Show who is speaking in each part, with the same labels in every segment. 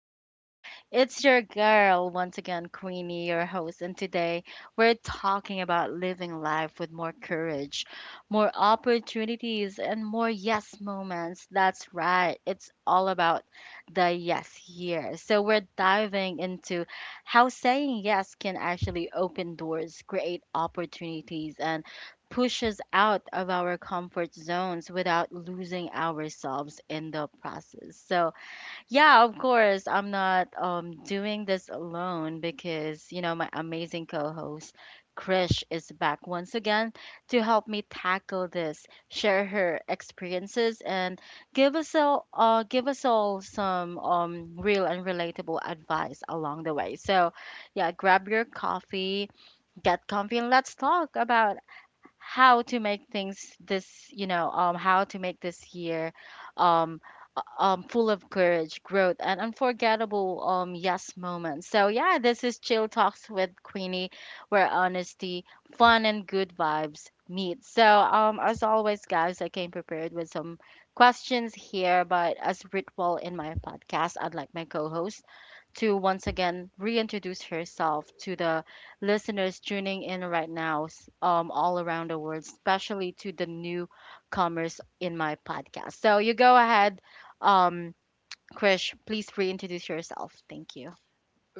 Speaker 1: Queenie. It's your girl once again, Queenie, your host, and today we're talking about living life with more courage, more opportunities, and more yes moments. That's right, it's all about the yes here. So we're diving into how saying yes can actually open doors, create opportunities, and push us out of our comfort zones without losing ourselves in the process. So, yeah, of course, I'm not doing this alone because, you know, my amazing co host, Krish, is back once again to help me tackle this, share her experiences, and give us all some real and relatable advice along the way. So, yeah, grab your coffee, get comfy, and let's talk about how to make this year um full of courage, growth, and unforgettable yes moments. So yeah, this is Chill Talks with Queenie, where honesty, fun, and good vibes meet. So as always, guys, I came prepared with some questions here, but as ritual in my podcast, I'd like my co-host to once again reintroduce herself to the listeners tuning in right now, all around the world, especially to the newcomers in my podcast. So you go ahead, um, Krish, please reintroduce yourself. Thank you.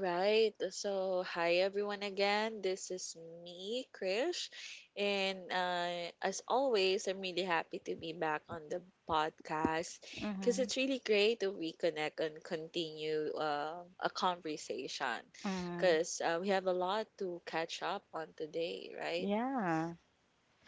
Speaker 2: Right. So, hi everyone again. This is me, Krish. And as always, I'm really happy to be back on the podcast because
Speaker 1: Mm-hmm.
Speaker 2: it's really great to reconnect and continue a conversation
Speaker 1: Mm-hmm.
Speaker 2: because we have a lot to catch up on today, right?
Speaker 1: Yeah.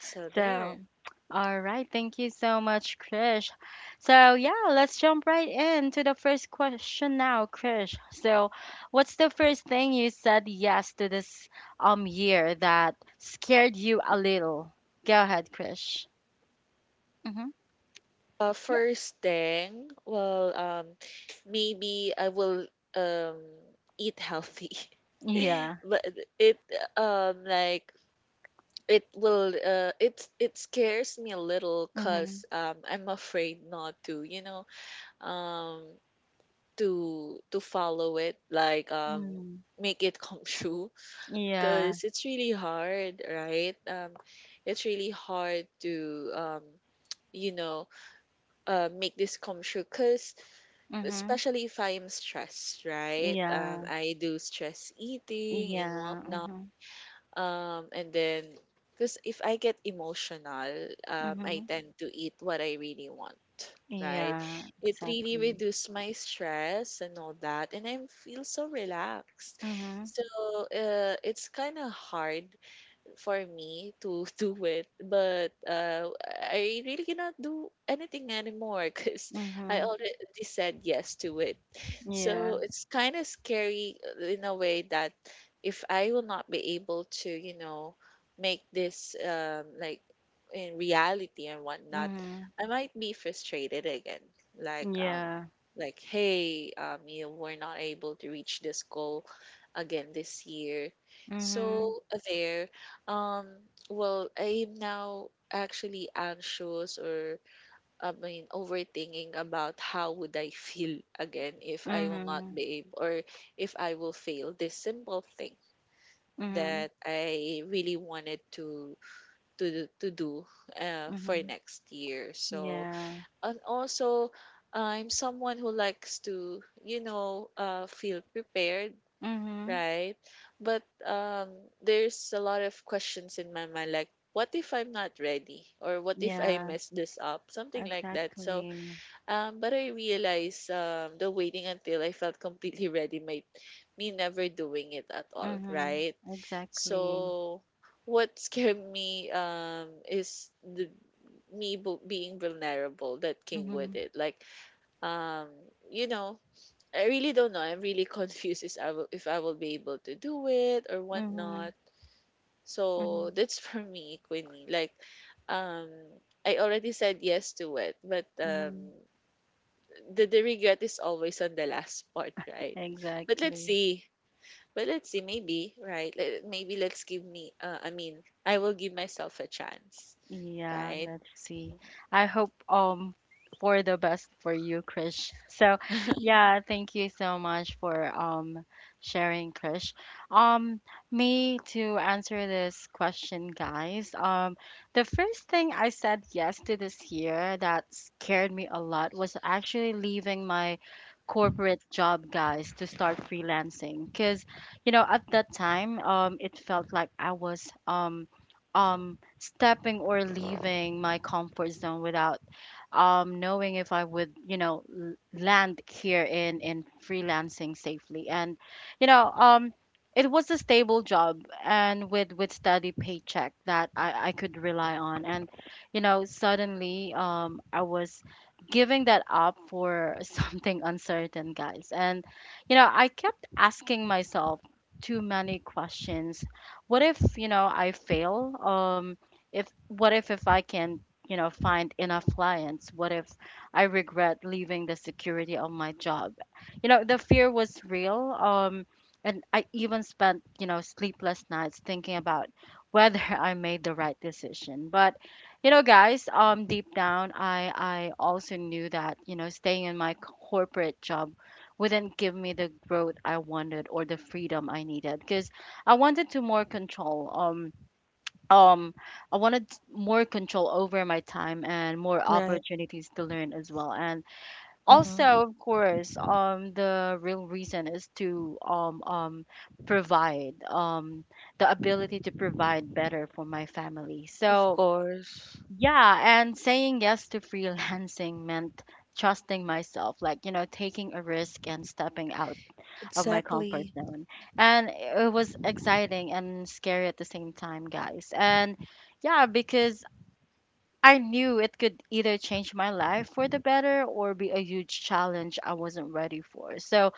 Speaker 2: So,
Speaker 1: So,
Speaker 2: there.
Speaker 1: All right, thank you so much, Krish. So, yeah, let's jump right into the first question now, Krish. So, what's the first thing you said yes to this year that scared you a little? Go ahead, Krish. Mm-hmm. Yeah.
Speaker 2: First thing, well, maybe I will um, eat healthy.
Speaker 1: Yeah.
Speaker 2: But it, like, it will, it scares me a little
Speaker 1: Mm-hmm.
Speaker 2: because I'm afraid not to, um to follow it, like,
Speaker 1: Mm.
Speaker 2: make it come true, because
Speaker 1: Yeah.
Speaker 2: it's really hard, right? It's really hard to, you know, make this come true, because
Speaker 1: Mm-hmm.
Speaker 2: especially if I am stressed, right?
Speaker 1: Yeah.
Speaker 2: I do stress eating and
Speaker 1: Yeah.
Speaker 2: whatnot,
Speaker 1: Mm-hmm.
Speaker 2: and then, because if I get emotional, I
Speaker 1: Mm-hmm.
Speaker 2: tend to eat what I really want, right?
Speaker 1: Yeah.
Speaker 2: It really
Speaker 1: Exactly.
Speaker 2: reduces my stress and all that, and I feel so relaxed.
Speaker 1: Mm-hmm.
Speaker 2: So it's kind of hard for me to do it, but I really cannot do anything anymore because
Speaker 1: Mm-hmm.
Speaker 2: I already said yes to it.
Speaker 1: Yeah.
Speaker 2: So it's kind of scary in a way that if I will not be able to, you know, make this, like, in reality and whatnot,
Speaker 1: Mm-hmm.
Speaker 2: I might be frustrated again. Like,
Speaker 1: Yeah.
Speaker 2: like, hey, you we're not able to reach this goal again this year.
Speaker 1: Mm-hmm.
Speaker 2: So there, well, I'm now actually anxious, or I mean, overthinking about how would I feel again if I will not
Speaker 1: Mhm.
Speaker 2: be able, or if I will fail this simple thing
Speaker 1: Mhm.
Speaker 2: that I really wanted to to do for
Speaker 1: Mhm.
Speaker 2: next year. So,
Speaker 1: Yeah.
Speaker 2: and also, I'm someone who likes to, you know, feel prepared.
Speaker 1: Mhm.
Speaker 2: Right. But there's a lot of questions in my mind, like, what if I'm not ready? Or what if I
Speaker 1: Yeah.
Speaker 2: mess this up? Something like that. So,
Speaker 1: Exactly.
Speaker 2: but I realized, the waiting until I felt completely ready might me never doing it at all,
Speaker 1: Mhm.
Speaker 2: right?
Speaker 1: Exactly.
Speaker 2: So, what scared me, is the me being vulnerable that came with
Speaker 1: Mhm.
Speaker 2: it. Like, um, you know, I really don't know. I'm really confused is I will, if I will be able to do it or whatnot.
Speaker 1: Mhm.
Speaker 2: So
Speaker 1: Mhm.
Speaker 2: that's for me, Queenie. Like, um, I already said yes to it, but
Speaker 1: Mhm.
Speaker 2: the regret is always on the last part, right? But let's
Speaker 1: Exactly.
Speaker 2: see. But let's see. Maybe, right? Let, maybe let's give me. I mean, I will give myself a chance,
Speaker 1: Yeah,
Speaker 2: right?
Speaker 1: let's see.
Speaker 2: Mhm.
Speaker 1: I hope for the best for you, Krish. So, yeah, thank you so much for sharing, Krish. Um, me to answer this question, guys. The first thing I said yes to this year that scared me a lot was actually leaving my corporate job, guys, to start freelancing. Cause, you know, at that time, it felt like I was stepping or leaving my comfort zone without knowing if I would, you know, land here in freelancing safely. And you know, it was a stable job and with steady paycheck that I could rely on. And you know, suddenly, I was giving that up for something uncertain, guys. And you know, I kept asking myself too many questions. What if, you know, I fail? If what if I can, you know, find enough clients? What if I regret leaving the security of my job? You know, the fear was real. And I even spent, you know, sleepless nights thinking about whether I made the right decision. But, you know, guys, deep down, I also knew that, you know, staying in my corporate job wouldn't give me the growth I wanted or the freedom I needed because I wanted to more control. Um I wanted more control over my time and more
Speaker 2: Right.
Speaker 1: opportunities to learn as well. And also,
Speaker 2: Uh-huh.
Speaker 1: of course, the real reason is to provide the ability to provide better for my family.
Speaker 2: Of
Speaker 1: So
Speaker 2: course.
Speaker 1: yeah, and saying yes to freelancing meant trusting myself, like you know, taking a risk and stepping out of my comfort
Speaker 2: Exactly.
Speaker 1: zone. And it was exciting and scary at the same time, guys. And yeah, because I knew it could either change my life for the better or be a huge challenge I wasn't ready for.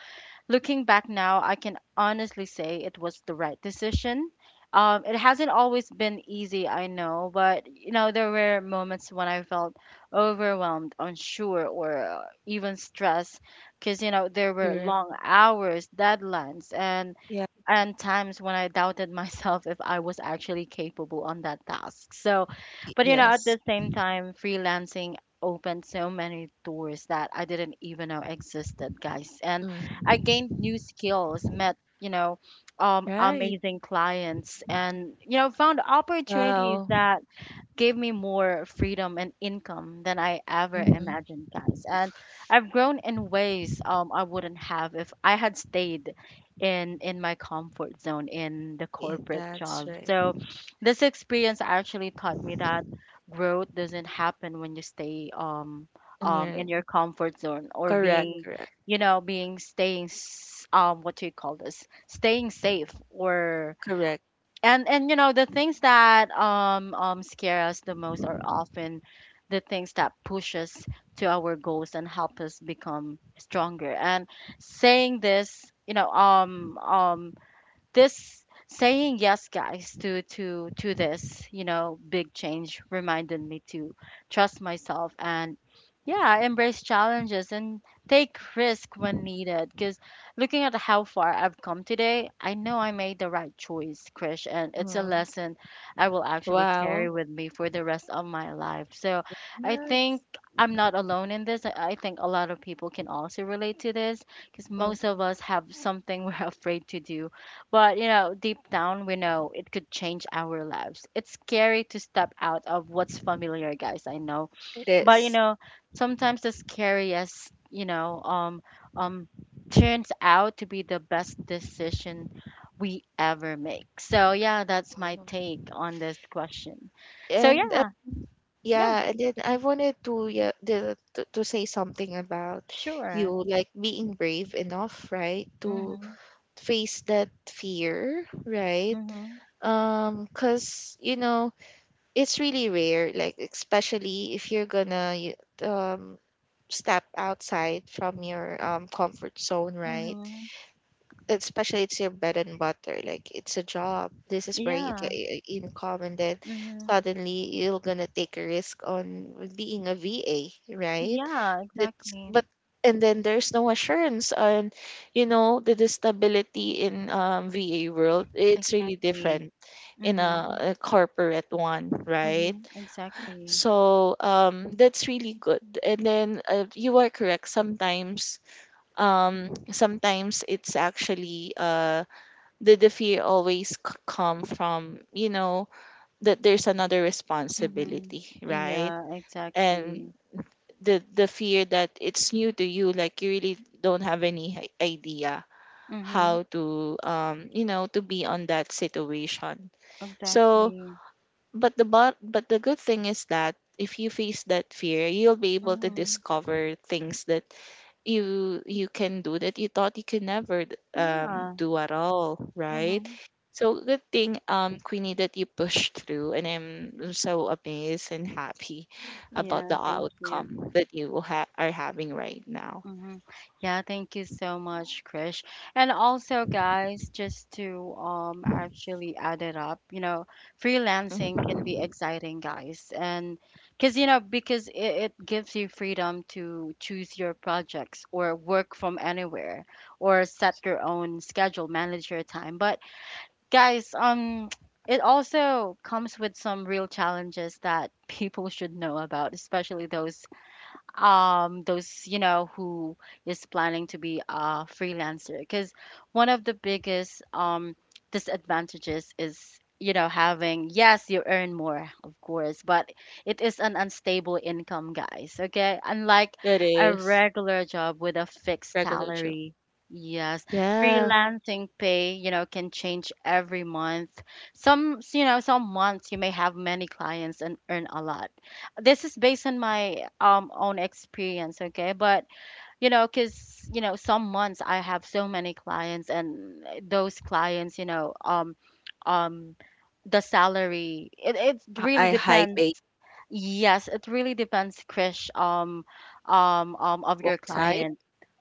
Speaker 1: Looking back now, I can honestly say it was the right decision. It hasn't always been easy, I know, but you know there were moments when I felt overwhelmed, unsure, or even stressed, because you know there were
Speaker 2: Correct.
Speaker 1: long hours, deadlines,
Speaker 2: Yeah.
Speaker 1: and times when I doubted myself if I was actually capable on that task. So, but you know, at
Speaker 2: Yes.
Speaker 1: the same time, freelancing opened so many doors that I didn't even know existed, guys. And I
Speaker 2: Mm.
Speaker 1: gained new skills, met, you know,
Speaker 2: Right.
Speaker 1: amazing clients, and, you know, found opportunities
Speaker 2: Wow.
Speaker 1: that gave me more freedom and income than I ever
Speaker 2: Hmm.
Speaker 1: imagined, guys. And I've grown in ways I wouldn't have if I had stayed in my comfort zone in the
Speaker 2: Yeah,
Speaker 1: corporate
Speaker 2: that's
Speaker 1: job.
Speaker 2: right.
Speaker 1: So this experience actually taught me that growth doesn't happen when you stay
Speaker 2: And
Speaker 1: in
Speaker 2: you're
Speaker 1: your comfort zone, or
Speaker 2: correct,
Speaker 1: being
Speaker 2: correct,
Speaker 1: you know being what do you call this, staying safe. Or
Speaker 2: correct.
Speaker 1: and you know, the things that scare us the most are often the things that push us to our goals and help us become stronger. And saying this you know this saying yes, guys, to this you know big change, reminded me to trust myself and yeah embrace challenges and take risk when needed. Because looking at how far I've come today, I know I made the right choice, Krish. And it's a
Speaker 2: Mm.
Speaker 1: lesson I will actually carry
Speaker 2: Wow.
Speaker 1: with me for the rest of my life. So I think
Speaker 2: Yes.
Speaker 1: I'm not alone in this. I think a lot of people can also relate to this, because most
Speaker 2: Mm.
Speaker 1: of us have something we're afraid to do, but, you know, deep down, we know it could change our lives. It's scary to step out of what's familiar, guys, I know.
Speaker 2: It
Speaker 1: But, you
Speaker 2: is.
Speaker 1: know, sometimes the scariest, um, turns out to be the best decision we ever make. So, yeah, that's my
Speaker 2: Mm.
Speaker 1: take on this question. So,
Speaker 2: And
Speaker 1: yeah, yeah,
Speaker 2: yeah, and then I wanted to, yeah, the, to, say something about
Speaker 1: sure.
Speaker 2: you, like, being brave enough, right, to
Speaker 1: Mm-hmm,
Speaker 2: face that fear, right?
Speaker 1: mm-hmm,
Speaker 2: Cause you know it's really rare, like, especially if you're gonna um step outside from your, comfort zone, right?
Speaker 1: mm-hmm.
Speaker 2: Especially it's your bread and butter. Like, it's a job. This is where you
Speaker 1: Yeah,
Speaker 2: get your income, and then
Speaker 1: mm-hmm.
Speaker 2: suddenly you're gonna take a risk on being a VA, right?
Speaker 1: Yeah,
Speaker 2: That's
Speaker 1: exactly,
Speaker 2: but, and then there's no assurance on, you know, the stability in, VA world. It's really
Speaker 1: exactly.
Speaker 2: different in
Speaker 1: Mm-hmm.
Speaker 2: a corporate one, right?
Speaker 1: Mhm. Exactly.
Speaker 2: So that's really good. And then you are correct. Sometimes, sometimes it's actually, the fear always come from, you know, that there's another
Speaker 1: Mhm.
Speaker 2: responsibility, right?
Speaker 1: Yeah,
Speaker 2: And
Speaker 1: exactly.
Speaker 2: the fear that it's new to you, like, you really don't have any idea
Speaker 1: Mhm.
Speaker 2: how to, you know, to be on that situation. So
Speaker 1: Exactly.
Speaker 2: but the good thing is that if you face that fear, you'll be able to
Speaker 1: Mhm.
Speaker 2: discover things that you can do, that you thought you could never
Speaker 1: Yeah.
Speaker 2: do at all, right?
Speaker 1: Mhm.
Speaker 2: So good thing, Queenie, that you pushed through, and I'm so amazed and happy about
Speaker 1: Yeah,
Speaker 2: the
Speaker 1: thank you.
Speaker 2: outcome that you will are having right now.
Speaker 1: Mhm. Yeah, thank you so much, Krish. And also, guys, just to actually add it up, you know, freelancing
Speaker 2: Mhm.
Speaker 1: can be exciting, guys. And because, you know, because it gives you freedom to choose your projects or work from anywhere or set your own schedule, manage your time. But guys, it also comes with some real challenges that people should know about, especially those you know who is planning to be a freelancer. Because one of the biggest disadvantages is, you know, having, yes, you earn more, of course, but it is an unstable income, guys, okay? Unlike
Speaker 2: It
Speaker 1: a
Speaker 2: is.
Speaker 1: regular job with a fixed
Speaker 2: Regular Joe.
Speaker 1: salary. Yes,
Speaker 2: Yeah.
Speaker 1: freelancing pay, you know, can change every month. Some, you know, some months you may have many clients and earn a lot. This is based on my own experience, okay? But you know, because you know, some months I have so many clients, and those clients, you know, um the salary, it
Speaker 2: I
Speaker 1: really
Speaker 2: I hype
Speaker 1: depends.
Speaker 2: a,
Speaker 1: Yes, it really depends, Krish. Of
Speaker 2: what
Speaker 1: your
Speaker 2: type
Speaker 1: client.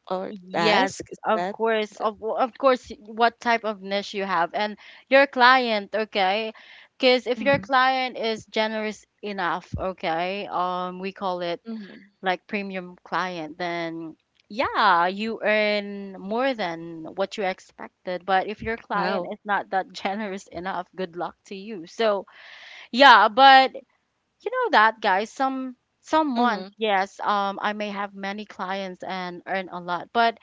Speaker 2: or
Speaker 1: Yes,
Speaker 2: task is
Speaker 1: of
Speaker 2: that?
Speaker 1: course. Of course, what type of niche you have, and your client, okay? Because if your client is generous enough, okay, we call it
Speaker 2: Mhm.
Speaker 1: like premium client, then yeah, you earn more than what you expected. But if your client
Speaker 2: Wow.
Speaker 1: is not that generous enough, good luck to you. So yeah, but you know that, guys, some months,
Speaker 2: Mhm.
Speaker 1: yes, I may have many clients and earn a lot, but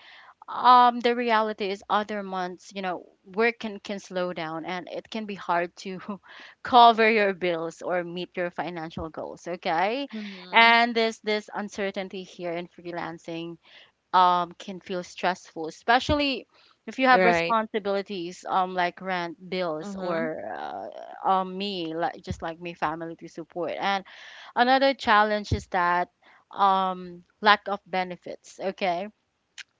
Speaker 1: the reality is other months, you know, work can slow down, and it can be hard to cover your bills or meet your financial goals, okay?
Speaker 2: Mhm.
Speaker 1: And this uncertainty here in freelancing can feel stressful, especially if you have
Speaker 2: Right.
Speaker 1: responsibilities like rent, bills,
Speaker 2: Mhm.
Speaker 1: or me, like just like me, family to support. And another challenge is that lack of benefits, okay?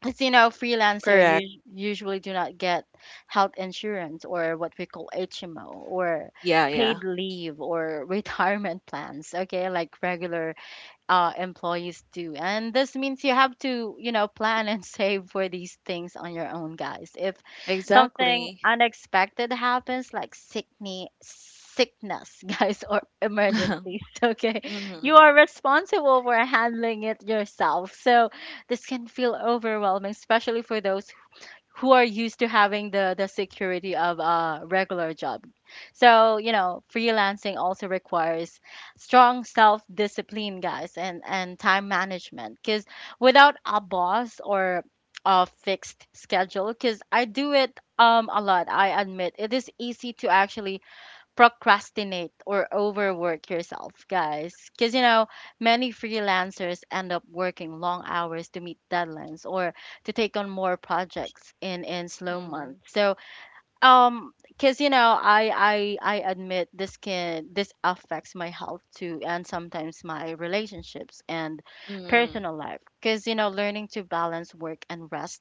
Speaker 1: As you know,
Speaker 2: Correct.
Speaker 1: usually do not get health insurance, or what we call HMO, or
Speaker 2: Yeah, yeah.
Speaker 1: paid leave, or retirement plans, okay, like regular employees do. And this means you have to, you know, plan and save for these things on your own, guys. If something
Speaker 2: Exactly.
Speaker 1: unexpected happens, like sickness, sickness, guys, or emergencies, okay, you
Speaker 2: Mhm.
Speaker 1: are responsible for handling it yourself. So this can feel overwhelming, especially for those who are used to having the security of a regular job. So, you know, freelancing also requires strong self-discipline, guys, and time management. Because without a boss or a fixed schedule, because I do it a lot, I admit, it is easy to actually procrastinate or overwork yourself, guys. Because, you know, many freelancers end up working long hours to meet deadlines or to take on more projects in slow
Speaker 2: Mhm.
Speaker 1: months. So, because you know I admit this affects my health too, and sometimes my relationships and
Speaker 2: Mhm.
Speaker 1: personal life, because you know, learning to balance work and rest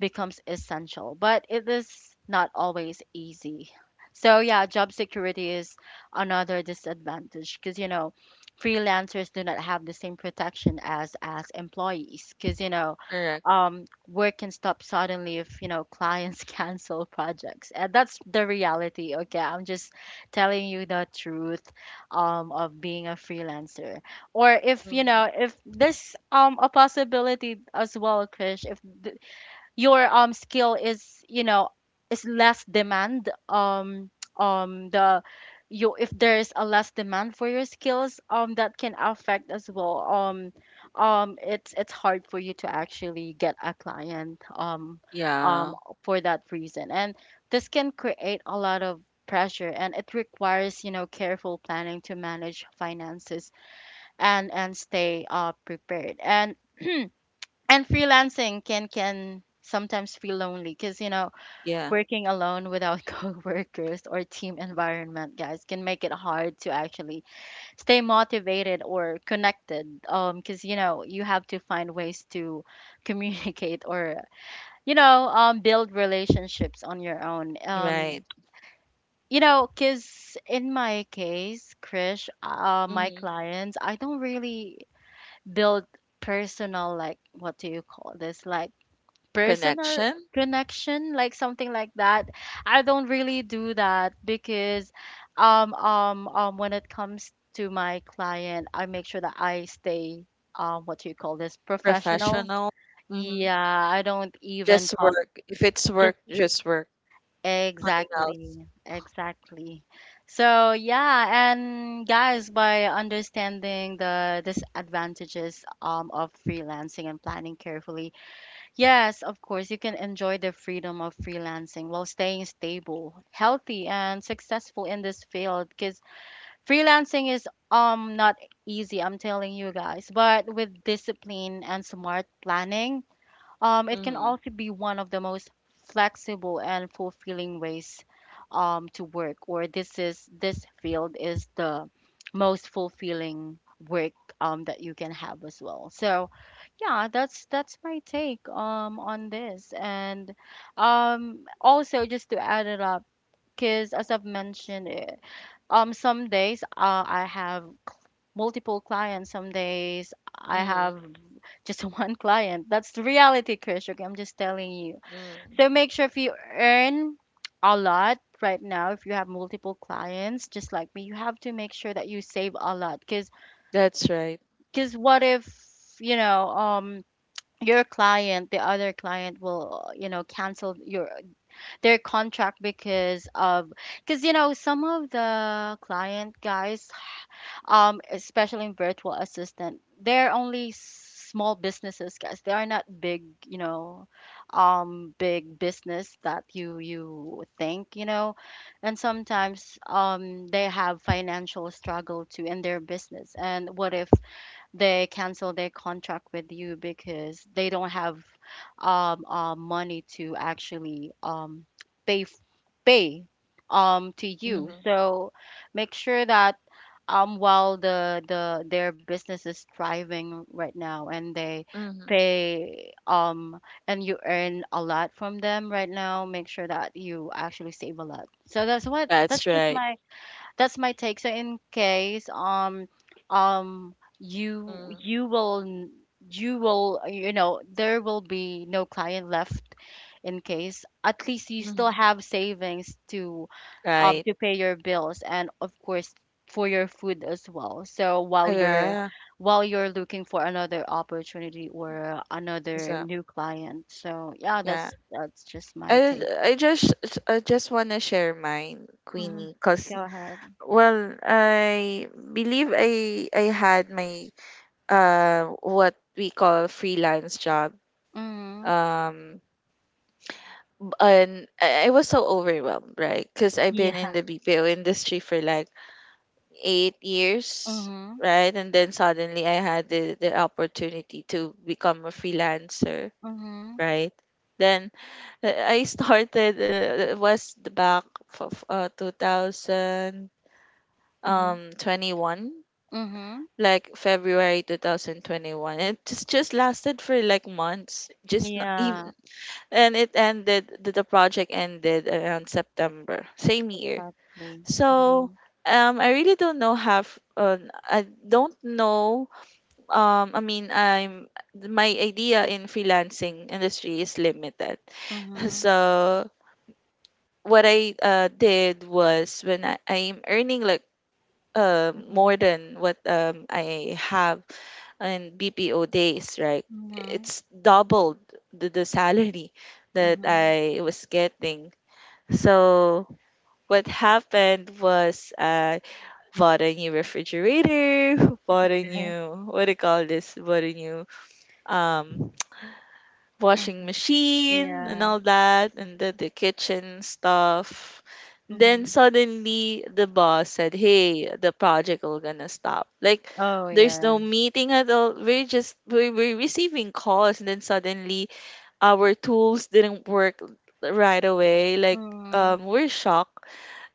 Speaker 1: becomes essential, but it is not always easy. So yeah, job security is another disadvantage, because you know, freelancers do not have the same protection as employees. Because you know,
Speaker 2: Correct.
Speaker 1: um work can stop suddenly if you know clients cancel projects, and that's the reality. Okay, I'm just telling you the truth of being a freelancer. Or if you know,
Speaker 2: Mhm.
Speaker 1: if there's a possibility as well, Krish, if your skill is, you know, is less demand, the you, if there's a less demand for your skills, that can affect as well. It's hard for you to actually get a client, um
Speaker 2: Yeah.
Speaker 1: for that reason. And this can create a lot of pressure, and it requires, you know, careful planning to manage finances, and stay prepared. And and freelancing can sometimes feel lonely, because you know,
Speaker 2: Yeah.
Speaker 1: working alone without coworkers or team environment, guys, can make it hard to actually stay motivated or connected. Because you know, you have to find ways to communicate, or you know, build relationships on your own.
Speaker 2: Right.
Speaker 1: You know, because in my case, Krish, my
Speaker 2: Mhm.
Speaker 1: clients, I don't really build personal, like what do you call this, like personal—
Speaker 2: Connection,
Speaker 1: Connection, like something like that. I don't really do that, because when it comes to my client, I make sure that I stay, what do you call this, professional.
Speaker 2: professional. Mhm.
Speaker 1: Yeah, I don't even
Speaker 2: Just
Speaker 1: talk.
Speaker 2: work. If it's
Speaker 1: Just—
Speaker 2: work, just work. Nothing else.
Speaker 1: exactly, exactly. So yeah, and guys, by understanding the disadvantages of freelancing and planning carefully, yes, of course, you can enjoy the freedom of freelancing while staying stable, healthy, and successful in this field, because freelancing is not easy, I'm telling you, guys. But with discipline and smart planning, it can
Speaker 2: Mhm.
Speaker 1: also be one of the most flexible and fulfilling ways to work. Or this is— this field is the most fulfilling work that you can have as well. So yeah, that's my take on this. And also, just to add it up, because as I've mentioned, some days I have multiple clients, some days I
Speaker 2: Mhm.
Speaker 1: have just one client. That's the reality, Krish. Okay, I'm just telling you.
Speaker 2: Mhm.
Speaker 1: So make sure, if you earn a lot right now, if you have multiple clients just like me, you have to make sure that you save a lot. Because—
Speaker 2: That's right.
Speaker 1: because what if you know, your client, the other client will, you know, cancel your their contract, because of— because you know, some of the client, guys, especially in virtual assistant, they're only small businesses, guys. They are not big, you know, big business that you think, you know. And sometimes they have financial struggle too in their business. And what if they cancel their contract with you because they don't have money to actually pay pay, to you.
Speaker 2: Mhm.
Speaker 1: So make sure that while the their business is thriving right now and they
Speaker 2: Mhm.
Speaker 1: pay, and you earn a lot from them right now, make sure that you actually save a lot. So that's what— that's
Speaker 2: That's
Speaker 1: just
Speaker 2: right.
Speaker 1: my— that's my take. So in case you—
Speaker 2: Mhm.
Speaker 1: you will, you know, there will be no client left, in case, at least you still
Speaker 2: Mhm.
Speaker 1: have savings
Speaker 2: Right.
Speaker 1: to pay your bills, and of course for your food as well. So
Speaker 2: Ah,
Speaker 1: while you're—
Speaker 2: yeah.
Speaker 1: while you're looking for another opportunity or another
Speaker 2: Exactly.
Speaker 1: new client. So yeah, that's
Speaker 2: Yeah.
Speaker 1: just my take.
Speaker 2: I I just I just wanna share mine,
Speaker 1: Hmm.
Speaker 2: Queenie, cause,
Speaker 1: Go ahead.
Speaker 2: well, I believe I had my, what we call freelance job,
Speaker 1: Hmm.
Speaker 2: um and I was so overwhelmed, right, because I've been in
Speaker 1: Yeah.
Speaker 2: the BPO industry for like 8 years,
Speaker 1: Mhm.
Speaker 2: right, and then suddenly I had the opportunity to become a freelancer,
Speaker 1: Mhm,
Speaker 2: right, then I started, was the back of, 2000,
Speaker 1: mhm,
Speaker 2: 21,
Speaker 1: mhm.
Speaker 2: like February 2021. It just lasted for like months, just not even,
Speaker 1: Yeah,
Speaker 2: and it ended, the project ended around September same year.
Speaker 1: exactly.
Speaker 2: So
Speaker 1: Mhm,
Speaker 2: I really don't know, have, I don't know, I mean, I'm, my idea in freelancing industry is limited.
Speaker 1: mhm,
Speaker 2: So what I did was, when I'm earning like,
Speaker 1: mhm,
Speaker 2: more than what, I have in BPO days, right?
Speaker 1: mhm,
Speaker 2: It's doubled the salary that
Speaker 1: mhm.
Speaker 2: I was getting. So what happened was, I bought a new refrigerator, bought a
Speaker 1: Okay.
Speaker 2: new, what do you call this? Bought a new, um washing
Speaker 1: Mhm.
Speaker 2: machine and
Speaker 1: Yeah.
Speaker 2: all that, and the kitchen stuff. Then
Speaker 1: Mhm.
Speaker 2: suddenly the boss said, "Hey, the project will gonna stop." Like,
Speaker 1: Oh,
Speaker 2: there's
Speaker 1: yeah.
Speaker 2: no meeting at all. We're just, we're receiving calls, and then suddenly our tools didn't work right away. Like,
Speaker 1: Mhm.
Speaker 2: we're shocked,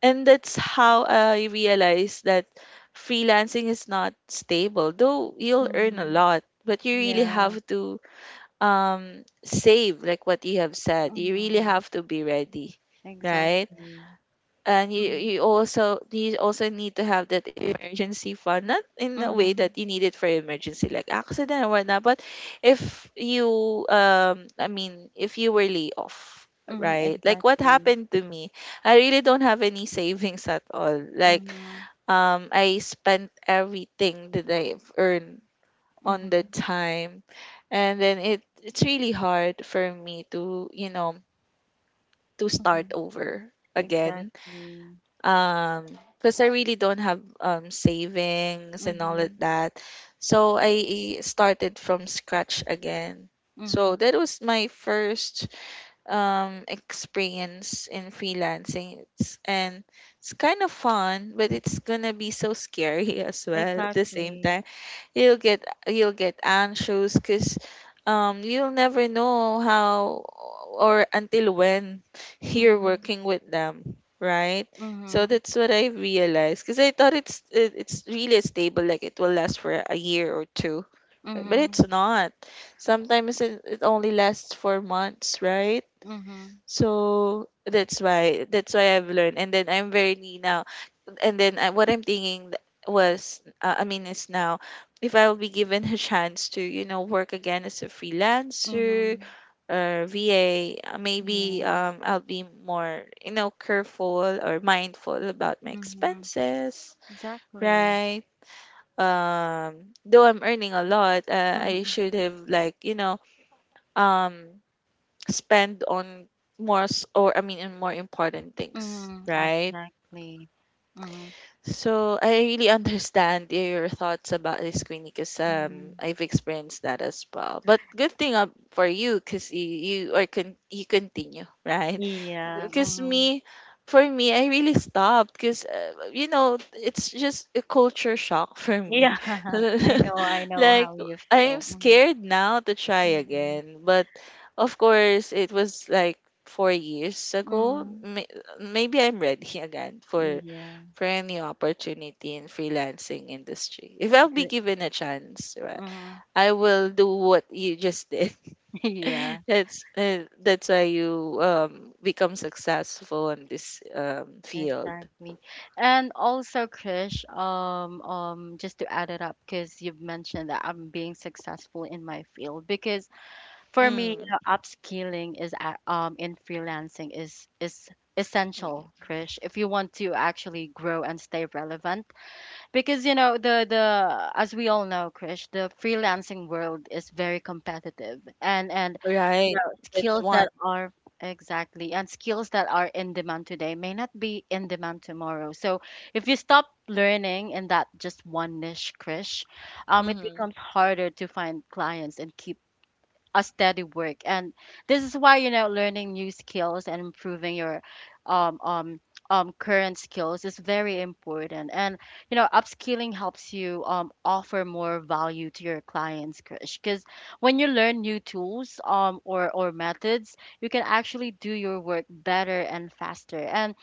Speaker 2: and that's how I realized that freelancing is not stable. Though you'll earn a
Speaker 1: Mhm.
Speaker 2: lot, but you really
Speaker 1: Yeah.
Speaker 2: have to, save, like what you have said, you really
Speaker 1: Mhm.
Speaker 2: have to be ready, right,
Speaker 1: Exactly.
Speaker 2: and
Speaker 1: Mhm.
Speaker 2: you also need to have that emergency fund, not in a way that
Speaker 1: Mhm.
Speaker 2: you need it for emergency like accident or whatnot, but if you, I mean, if you were laid off,
Speaker 1: Mhm.
Speaker 2: right, like what
Speaker 1: Exactly.
Speaker 2: happened to me. I really don't have any savings at all, like,
Speaker 1: Mhm.
Speaker 2: I spent everything that I've earned on the
Speaker 1: Mhm.
Speaker 2: time. And then it's really hard for me to, you know, to start
Speaker 1: Mhm.
Speaker 2: over again.
Speaker 1: Exactly.
Speaker 2: Um, because I really don't have, savings and all of
Speaker 1: Mhm.
Speaker 2: that. So I started from scratch again.
Speaker 1: Mhm.
Speaker 2: So that was my first, experience in freelancing. It's, and it's kind of fun, but it's gonna be so scary as well at the same
Speaker 1: Exactly.
Speaker 2: time. You'll get anxious because, you'll never know how or until when you're
Speaker 1: Mhm.
Speaker 2: working with them, right? So
Speaker 1: Mhm.
Speaker 2: that's what I realized, because I thought it's really stable, like, it will last for a year or two, right? But
Speaker 1: Mhm.
Speaker 2: it's not. Sometimes it only lasts for months, right?
Speaker 1: Mhm.
Speaker 2: So that's why I've learned, and then I'm very now, and then I, what I'm thinking was, I mean, is now, if I will be given a chance to, you know, work again as a freelancer
Speaker 1: Mhm.
Speaker 2: or VA, maybe
Speaker 1: Yeah.
Speaker 2: I'll be more, you know, careful or mindful about my
Speaker 1: Mhm.
Speaker 2: expenses,
Speaker 1: Exactly.
Speaker 2: right? Though I'm earning a lot, I
Speaker 1: Mhm.
Speaker 2: should have like, you know, um spend on more or I mean in more important things,
Speaker 1: Mhm.
Speaker 2: right?
Speaker 1: Exactly. Mhm.
Speaker 2: So I really understand your thoughts about this, Queenie, because
Speaker 1: Mhm.
Speaker 2: I've experienced that as well. But good thing up for you, because you are you continue right,
Speaker 1: Yeah.
Speaker 2: because
Speaker 1: Mhm.
Speaker 2: me, for me, I really stopped because, you know, it's just a culture shock for
Speaker 1: Yeah.
Speaker 2: me.
Speaker 1: I know. I know
Speaker 2: Like,
Speaker 1: how you
Speaker 2: I'm
Speaker 1: feel. Mhm.
Speaker 2: scared now to try
Speaker 1: Mhm.
Speaker 2: again, but of course it was like 4 years ago.
Speaker 1: Mhm.
Speaker 2: Maybe I'm ready again for
Speaker 1: Yeah.
Speaker 2: a new opportunity in freelancing industry, if I'll be
Speaker 1: Good.
Speaker 2: given a chance, right?
Speaker 1: Mhm.
Speaker 2: I will do what you just did.
Speaker 1: Yeah.
Speaker 2: That's, that's why you, become successful in this, field.
Speaker 1: Exactly. And also, Krish, just to add it up, because you've mentioned that I'm being successful in my field, because for me, you
Speaker 2: Mm.
Speaker 1: know, upskilling is in freelancing is—
Speaker 2: Mm.
Speaker 1: essential, Krish, if you want to actually grow and stay relevant. Because you know, the as we all know, Krish, the freelancing world is very competitive, and you
Speaker 2: Right.
Speaker 1: know,
Speaker 2: That's
Speaker 1: skills
Speaker 2: one.
Speaker 1: that are— exactly, and skills that are in demand today may not be in demand tomorrow. So if you stop learning in that just one niche, Krish, it
Speaker 2: Mm-hmm.
Speaker 1: becomes harder to find clients and keep a steady work. And this is why, you know, learning new skills and improving your um um current skills is very important. And you know, upskilling helps you offer more value to your clients, because when you learn new tools, or methods, you can actually do your work better and faster. And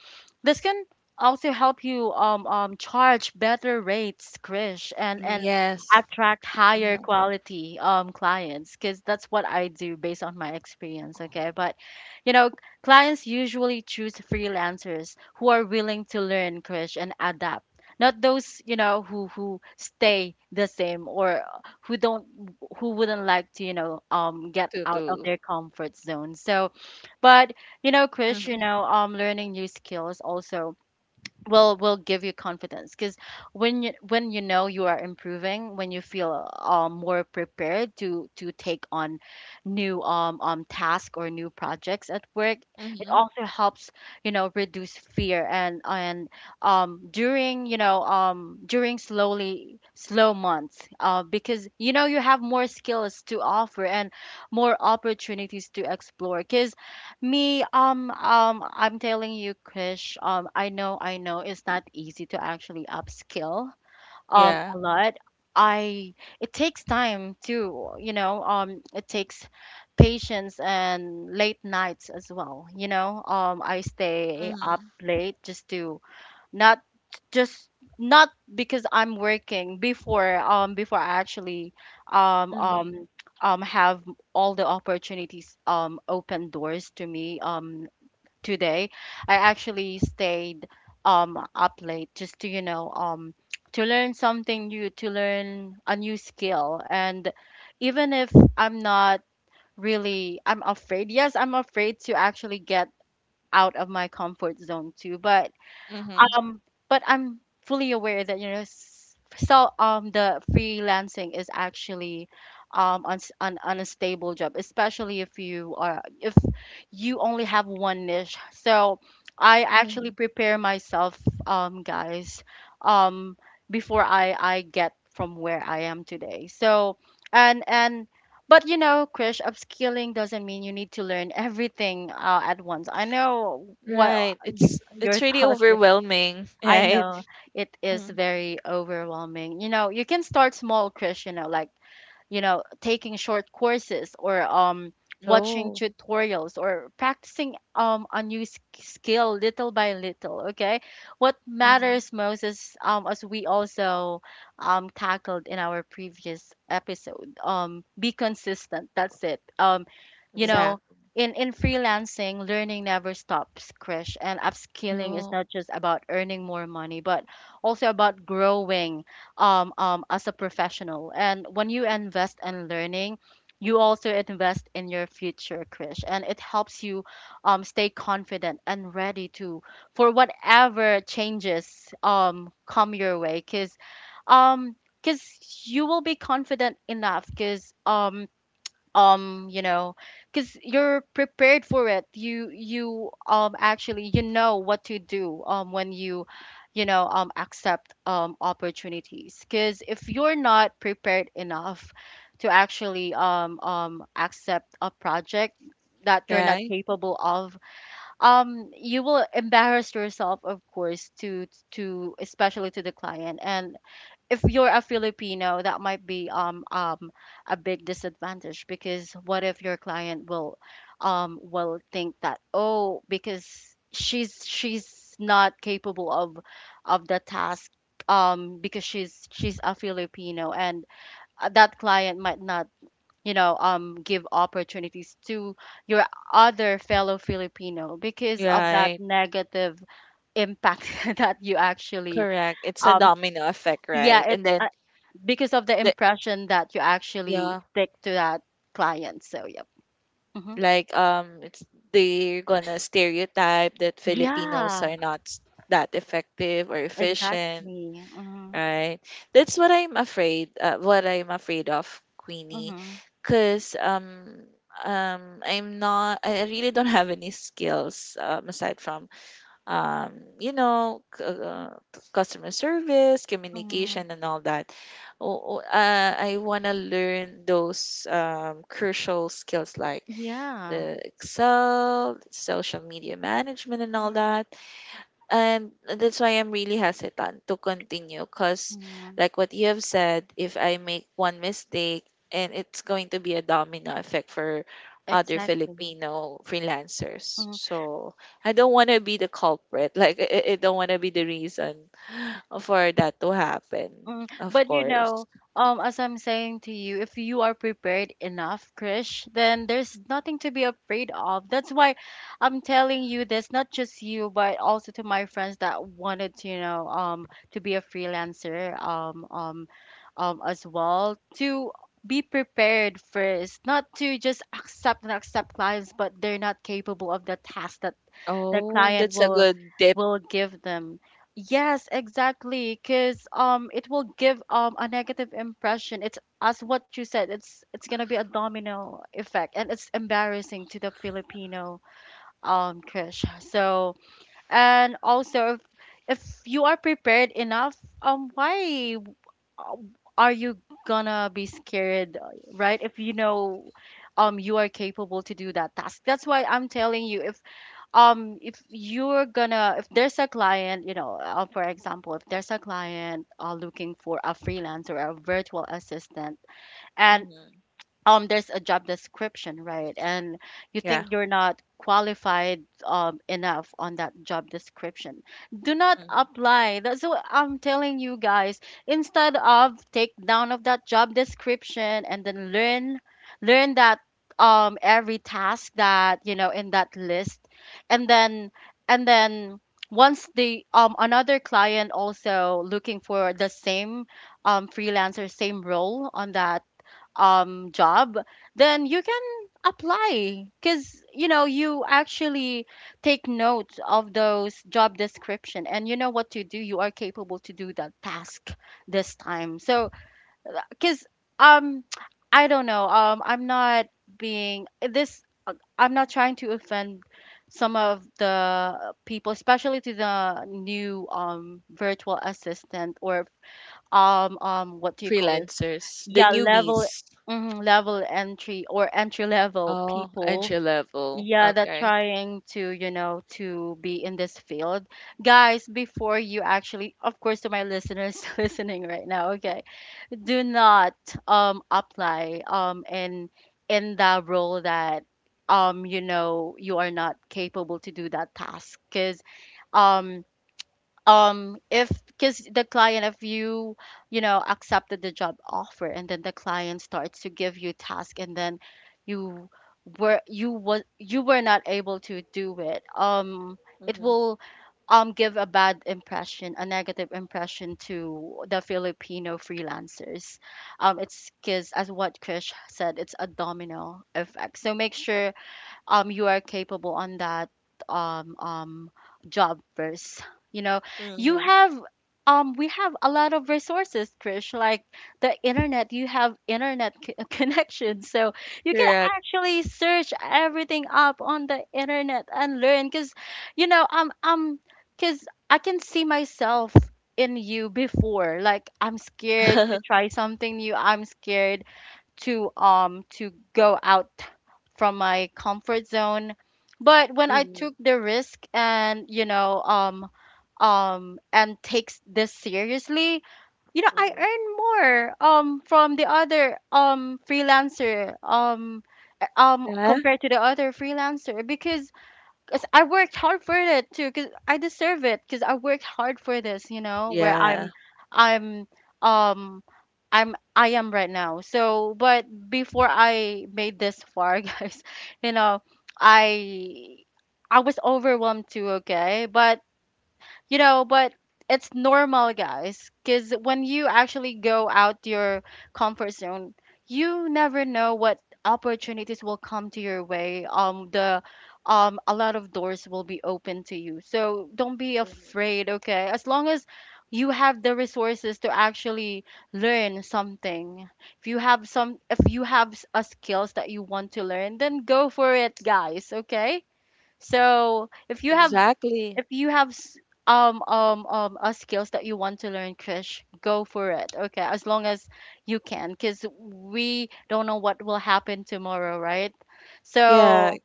Speaker 1: this can also help you charge better rates, Krish, and,
Speaker 2: Mm.
Speaker 1: and
Speaker 2: Yes.
Speaker 1: attract higher
Speaker 2: Mm.
Speaker 1: quality clients, because that's what I do based on my experience. Okay. But, you know, clients usually choose freelancers who are willing to learn, Krish, and adapt. Not those, you know, who stay the same, or who don't— who wouldn't like to, you know, get
Speaker 2: To
Speaker 1: out of
Speaker 2: do.
Speaker 1: their comfort zone. So, but you know, Chris, you
Speaker 2: Mm-hmm.
Speaker 1: know, learning new skills also will give you confidence, because when you— when you know you are improving, when you feel more prepared to take on new tasks or new projects at work, it
Speaker 2: Mm-hmm.
Speaker 1: also helps, you know, reduce fear. And during, you know, during slow months, because you know, you have more skills to offer and more opportunities to explore. Because me, I'm telling you, Krish, I know it's not easy to actually upskill,
Speaker 2: Yeah.
Speaker 1: a lot. I— it takes time too, you know. It takes patience and late nights as well, you know. I stay up
Speaker 2: Mm-hmm.
Speaker 1: late just to— not— just not because I'm working before, before I actually um
Speaker 2: Mm-hmm.
Speaker 1: um have all the opportunities, open doors to me, today. I actually stayed up late just to, you know, to learn something new, to learn a new skill. And even if I'm not really— I'm afraid, yes, I'm afraid to actually get out of my comfort zone too. But
Speaker 2: Mm-hmm.
Speaker 1: um, but I'm fully aware that, you know, the freelancing is actually an unstable job, especially if you are— if you only have one niche. So I actually
Speaker 2: Hmm.
Speaker 1: prepare myself, guys, um, before I get from where I am today. So, and but you know, Krish, upskilling doesn't mean you need to learn everything, at once. I know what
Speaker 2: Right.
Speaker 1: you—
Speaker 2: It's
Speaker 1: your
Speaker 2: it's really
Speaker 1: thoughts.
Speaker 2: overwhelming,
Speaker 1: I
Speaker 2: right?
Speaker 1: know it is
Speaker 2: Mm.
Speaker 1: very overwhelming. You know, you can start small, Chris, you know, like, you know, taking short courses, or watching
Speaker 2: Oh.
Speaker 1: tutorials, or practicing a new skill little by little. Okay. What
Speaker 2: Mm-hmm.
Speaker 1: matters most is, as we also tackled in our previous episode, be consistent. That's it. You know,
Speaker 2: Exactly.
Speaker 1: in— in freelancing, learning never stops, Krish, and upskilling is
Speaker 2: Oh.
Speaker 1: not just about earning more money, but also about growing as a professional. And when you invest in learning, you also invest in your future, Krish, and it helps you stay confident and ready to for whatever changes come your way. Um, because you will be confident enough. Because you know, because you're prepared for it. You— you actually, you know what to do when you know, accept opportunities. Because if you're not prepared enough to actually accept a project that you're not
Speaker 2: Right.
Speaker 1: capable of, you will embarrass yourself, of course, to— to especially to the client. And if you're a Filipino, that might be a big disadvantage, because what if your client will think that, oh, because she's not capable of the task, because she's a Filipino. And that client might not, you know, give opportunities to your other fellow Filipino because of that
Speaker 2: Right.
Speaker 1: negative impact that you actually—
Speaker 2: Correct. It's a
Speaker 1: um
Speaker 2: domino effect, right?
Speaker 1: yeah,
Speaker 2: And then,
Speaker 1: it's because of the
Speaker 2: the,
Speaker 1: impression that you actually
Speaker 2: yeah.
Speaker 1: stick to that client. So, yep. Hmm.
Speaker 2: Like, it's, they're gonna stereotype that Filipinos
Speaker 1: Yeah,
Speaker 2: are not that effective or efficient,
Speaker 1: exactly. Mm-hmm.
Speaker 2: right? That's what I'm afraid. What I'm afraid of, Queenie,
Speaker 1: Mm-hmm.
Speaker 2: because, I'm not. I really don't have any skills, aside from, you know, customer service,
Speaker 1: Mm-hmm.
Speaker 2: communication, and all that. Oh, oh, I want to learn those, crucial skills like
Speaker 1: Yeah.
Speaker 2: the Excel, social media management, and all that. And that's why I'm really hesitant to continue because,
Speaker 1: Mm-hmm.
Speaker 2: like what you have said, if I make one mistake, and it's going to be a domino effect for other
Speaker 1: Exactly.
Speaker 2: Filipino freelancers. So I don't want to be the culprit. Like I don't want to be the reason for that to happen.
Speaker 1: Mm,
Speaker 2: Of
Speaker 1: but you
Speaker 2: course.
Speaker 1: know, as I'm saying to you, if you are prepared enough, Krish, then there's nothing to be afraid of. That's why I'm telling you this, not just you, but also to my friends that wanted to, to be a freelancer, as well, to be prepared first, not to just accept and accept clients, but they're not capable of the task that the
Speaker 2: Oh,
Speaker 1: client
Speaker 2: that's a
Speaker 1: will
Speaker 2: good tip.
Speaker 1: will give them. Yes, exactly, because it will give a negative impression. It's as what you said, it's gonna be a domino effect, and it's embarrassing to the Filipino, Krish. So and also if you are prepared enough, why uh, are you gonna be scared, right? If you know you are capable to do that task. That's why I'm telling you, if you're gonna, if there's a client, you know, for example, if there's a client looking for a freelancer or a virtual assistant, and
Speaker 2: Mhm.
Speaker 1: there's a job description, right? And you
Speaker 2: Yeah.
Speaker 1: think you're not qualified enough on that job description, do not
Speaker 2: Mhm.
Speaker 1: apply. That's what I'm telling you, guys. Instead of take down of that job description and then learn, learn that every task that you know in that list, and then and then once the another client also looking for the same freelancer, same role on that job, then you can apply, because you know you actually take note of those job description and you know what to do. You are capable to do that task this time. So because um I don't know, I'm not being this, I'm not trying to offend some of the people, especially to the new virtual assistant or what do you call it.
Speaker 2: Freelancers, the
Speaker 1: Yeah, level,
Speaker 2: newbies.
Speaker 1: mhm, level entry or entry level
Speaker 2: Oh,
Speaker 1: people,
Speaker 2: entry level.
Speaker 1: yeah, that
Speaker 2: Okay.
Speaker 1: trying to, you know, to be in this field, guys. Before you actually, of course, to my listeners listening right now, okay, do not apply in the role that you know you are not capable to do that task, because um if, because the client, if you you know accepted the job offer and then the client starts to give you task and then you were you was you were not able to do it. It
Speaker 2: Mm-hmm.
Speaker 1: will give a bad impression, a negative impression to the Filipino freelancers, it's because as what Krish said, it's a domino effect. So make sure you are capable on that um um job first, you know. You
Speaker 2: Mm-hmm.
Speaker 1: have we have a lot of resources, Krish, like the internet. You have internet c- connection, so you can
Speaker 2: Correct.
Speaker 1: actually search everything up on the internet and learn, because you know because I can see myself in you before, like I'm scared to try something new, I'm scared to go out from my comfort zone. But when I
Speaker 2: Mm-hmm.
Speaker 1: took the risk and you know and takes this seriously, you know, I
Speaker 2: Mm-hmm.
Speaker 1: earn more from the other freelancer,
Speaker 2: Yeah.
Speaker 1: compared to the other freelancer, because cause I worked hard for it too. Cause I deserve it. Cause I worked hard for this. You know where
Speaker 2: Yeah.
Speaker 1: I'm, um, I am right now. So, but before I made this far, guys, you know, I I was overwhelmed too. Okay, but you know, but it's normal, guys, because when you actually go out your comfort zone, you never know what opportunities will come to your way. The A lot of doors will be open to you. So don't be
Speaker 2: Hmm.
Speaker 1: afraid, okay? As long as you have the resources to actually learn something, if you have some, if you have s- a skills that you want to learn, then go for it, guys, okay? So
Speaker 2: Exactly.
Speaker 1: if you have s- skills that you want to learn, Krish, go for it, okay, as long as you can, because we don't know what will happen tomorrow, right?
Speaker 2: Yeah.
Speaker 1: So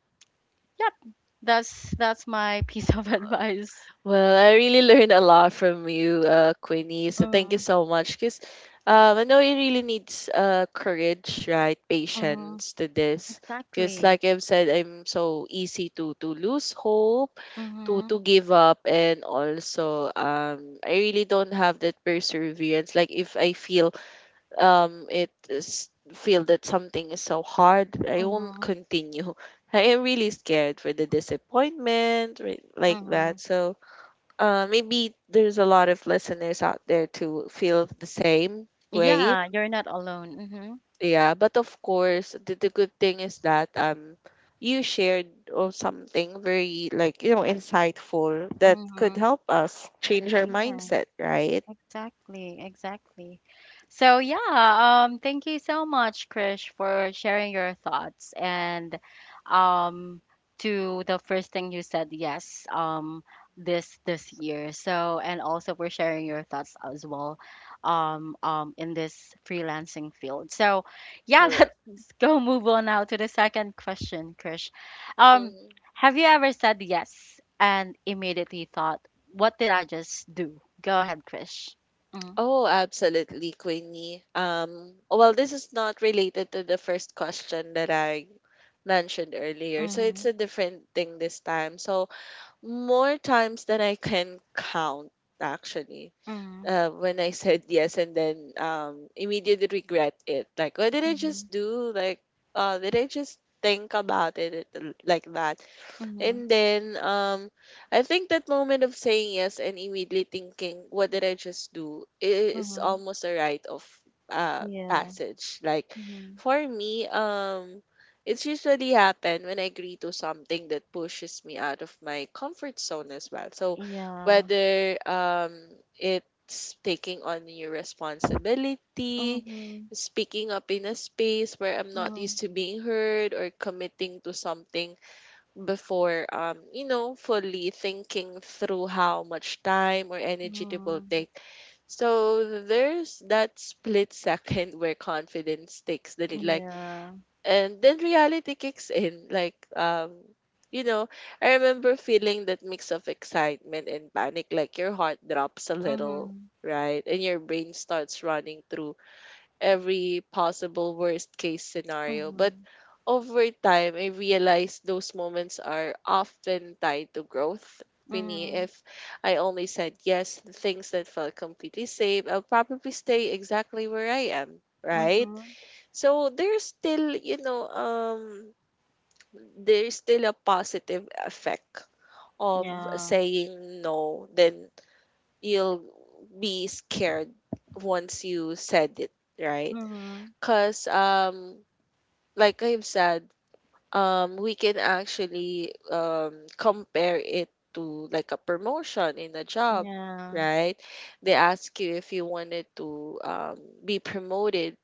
Speaker 1: yep, that's my piece of advice.
Speaker 2: Well, I really learned a lot from you, Queenie. So thank you
Speaker 1: Mm,
Speaker 2: so much. Cause I know it really needs courage, right?
Speaker 1: mm,
Speaker 2: Patience to this. Cause
Speaker 1: exactly.
Speaker 2: like I've said, I'm so easy to lose hope, to
Speaker 1: Mm-hmm,
Speaker 2: to give up. And also I really don't have that perseverance. Like if I feel it is feel that something is so hard, I won't
Speaker 1: mm-hmm,
Speaker 2: continue. I am really scared for the disappointment, right? Like that.
Speaker 1: mm-hmm.
Speaker 2: So maybe there's a lot of listeners out there to feel the same way.
Speaker 1: Yeah, you're not alone. Mm-hmm,
Speaker 2: Yeah, but of course, the good thing is that you shared or something very like, you know, insightful that could
Speaker 1: mm-hmm.
Speaker 2: help us change our
Speaker 1: Yeah.
Speaker 2: mindset, right?
Speaker 1: Exactly, exactly. So yeah, thank you so much, Krish, for sharing your thoughts and um to the first thing you said, yes, this this year. So and also for sharing your thoughts as well, in this freelancing field. So yeah,
Speaker 2: Correct.
Speaker 1: let's go move on now to the second question, Krish. Um,
Speaker 2: Hmm.
Speaker 1: have you ever said yes and immediately thought, what did I just do? Go ahead, Krish. Mhm.
Speaker 2: Oh, absolutely, Queenie. Well, this is not related to the first question that I mentioned earlier. So it's
Speaker 1: Mhm.
Speaker 2: a different thing this time. So more times than I can count, actually.
Speaker 1: Mhm.
Speaker 2: When I said yes and then immediately regret it. Like, what did I
Speaker 1: Mhm.
Speaker 2: just do? Like, did I just think about it like that?
Speaker 1: Mhm.
Speaker 2: And then I think that moment of saying yes and immediately thinking what did I just do is
Speaker 1: Mhm.
Speaker 2: almost a rite of
Speaker 1: Yeah.
Speaker 2: passage. Like
Speaker 1: Mhm.
Speaker 2: for me, it's usually happen when I agree to something that pushes me out of my comfort zone as well. So
Speaker 1: Yeah.
Speaker 2: whether it's taking on new responsibility,
Speaker 1: Mhm.
Speaker 2: speaking up in a space where I'm not
Speaker 1: Mhm.
Speaker 2: used to being heard, or committing to something before you know, fully thinking through how much time or energy it will
Speaker 1: Mhm.
Speaker 2: take. So there's that split second where confidence takes the lead, like,
Speaker 1: Yeah.
Speaker 2: and then reality kicks in like, you know, I remember feeling that mix of excitement and panic, like your heart drops a little,
Speaker 1: Mhm.
Speaker 2: right? And your brain starts running through every possible worst case scenario. But
Speaker 1: Mhm.
Speaker 2: over time, I realized those moments are often tied to growth. Queenie,
Speaker 1: Mhm.
Speaker 2: if I only said yes to things that felt completely safe, I'll probably stay exactly where I am, right?
Speaker 1: Mhm.
Speaker 2: So there's still, you know, there's still a positive effect of
Speaker 1: Yeah.
Speaker 2: saying no. Then you'll be scared once you said it, right?
Speaker 1: Mhm.
Speaker 2: Because, like I've said, we can actually compare it to like a promotion in a job,
Speaker 1: Yeah.
Speaker 2: right? They ask you if you wanted to be promoted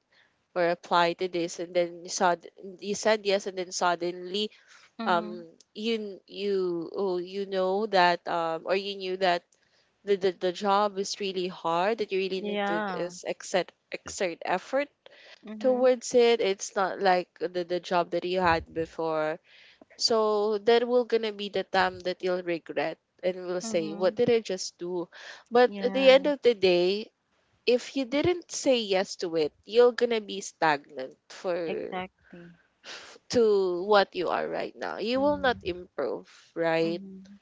Speaker 2: or apply to this, and then you saw you said yes, and then suddenly
Speaker 1: Mhm.
Speaker 2: um, you oh, you know that or you knew that the job is really hard that you really need to
Speaker 1: Yeah.
Speaker 2: is exert effort
Speaker 1: Mhm.
Speaker 2: towards it. It's not like the job that you had before. So that will gonna be the time that you'll regret and will say, what
Speaker 1: Mhm.
Speaker 2: did I just do? But at the end
Speaker 1: Yeah.
Speaker 2: of the day, if you didn't say yes to it, you're gonna be stagnant for
Speaker 1: Exactly.
Speaker 2: f- to what you are right now. You will
Speaker 1: Mhm.
Speaker 2: not improve, right?
Speaker 1: Mhm.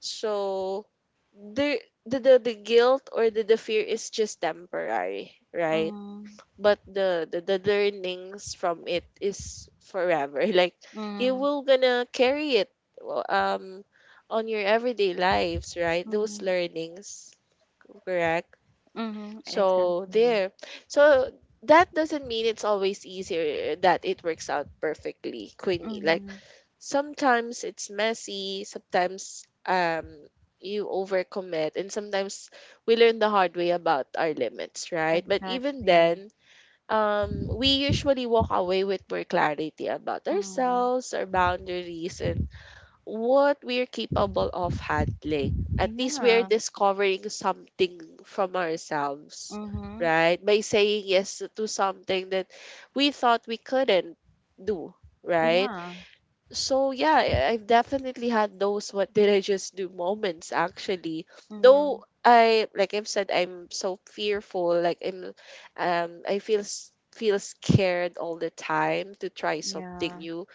Speaker 2: So the the guilt or the fear is just temporary, right?
Speaker 1: Mhm.
Speaker 2: But the learnings from it is forever. Like you
Speaker 1: Mhm.
Speaker 2: will gonna carry it w- on your everyday lives, right? Those
Speaker 1: Mhm.
Speaker 2: learnings. Correct.
Speaker 1: Mhm.
Speaker 2: So
Speaker 1: Exactly.
Speaker 2: there, so that doesn't mean it's always easier, that it works out perfectly, Queenie. Like
Speaker 1: Mhm.
Speaker 2: sometimes it's messy, sometimes you overcommit, and sometimes we learn the hard way about our limits, right? But even
Speaker 1: Exactly.
Speaker 2: then, we usually walk away with more clarity about
Speaker 1: Mm,
Speaker 2: ourselves, our boundaries, and what we're capable of handling. At least we're
Speaker 1: yeah,
Speaker 2: discovering something from ourselves,
Speaker 1: mhm,
Speaker 2: right? By saying yes to something that we thought we couldn't do, right?
Speaker 1: yeah,
Speaker 2: So yeah, I've definitely had those what did I just do moments, actually.
Speaker 1: mhm,
Speaker 2: Though I like I've said, I'm so fearful. Like I'm I feel s- feel scared all the time to try something
Speaker 1: yeah,
Speaker 2: new,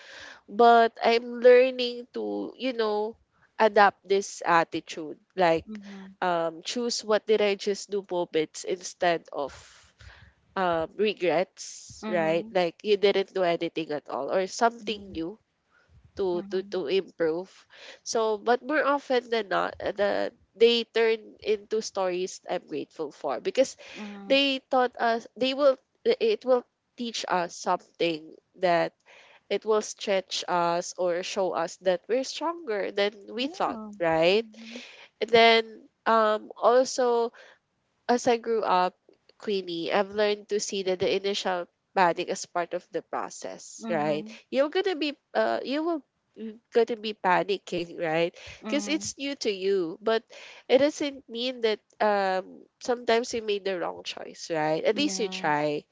Speaker 2: but I'm learning to, you know, adapt this attitude, like,
Speaker 1: mhm,
Speaker 2: choose what did I just do moments instead of regrets, right?
Speaker 1: mhm,
Speaker 2: Like you didn't do anything at all or something new to to
Speaker 1: mhm,
Speaker 2: to improve. So, but more often than not, the they turn into stories I'm grateful for because
Speaker 1: mhm, mhm,
Speaker 2: they taught us, they will, it will teach us something that it will stretch us or show us that we're stronger than we thought,
Speaker 1: yeah,
Speaker 2: right?
Speaker 1: mhm,
Speaker 2: And then also, as I grew up, Queenie, I've learned to see that the initial panic is part of the process, right?
Speaker 1: mhm,
Speaker 2: You're gonna be you will gonna be panicking, right? Because
Speaker 1: mhm,
Speaker 2: it's new to you. But it doesn't mean that sometimes you made the wrong choice, right? At least you
Speaker 1: yeah,
Speaker 2: try.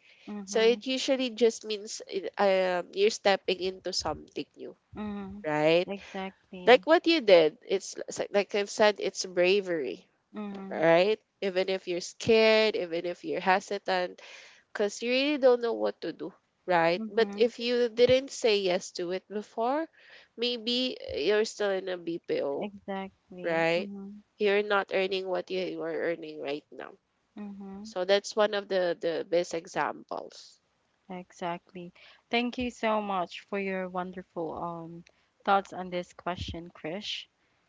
Speaker 2: So
Speaker 1: mhm,
Speaker 2: it usually just means you're stepping into something new,
Speaker 1: mhm,
Speaker 2: right?
Speaker 1: exactly,
Speaker 2: Like what you did, it's like I've said, it's bravery,
Speaker 1: mhm,
Speaker 2: right? Even if you're scared, even if you're hesitant, because you really don't know what to do, right? But
Speaker 1: mhm,
Speaker 2: if you didn't say yes to it before, maybe you're still in a BPO,
Speaker 1: exactly,
Speaker 2: right?
Speaker 1: mhm,
Speaker 2: You're not earning what you are earning right now.
Speaker 1: mhm,
Speaker 2: So that's one of the best examples.
Speaker 1: exactly. Thank you so much for your wonderful thoughts on this question, Krish.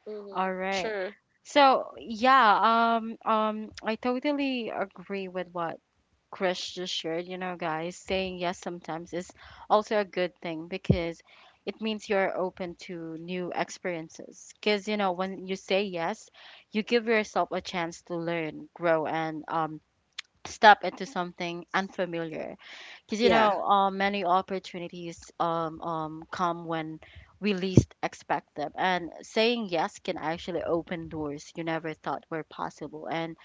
Speaker 2: Mm-hmm.
Speaker 1: All right.
Speaker 2: Sure.
Speaker 1: So yeah, I totally agree with what Chris just shared. You know, guys, saying yes sometimes is also a good thing because it means you're open to new experiences. Because you know, when you say yes, you give yourself a chance to learn, grow, and step into something unfamiliar, because you
Speaker 2: Yeah.
Speaker 1: know many opportunities come when we least expect them, and saying yes can actually open doors you never thought were possible. And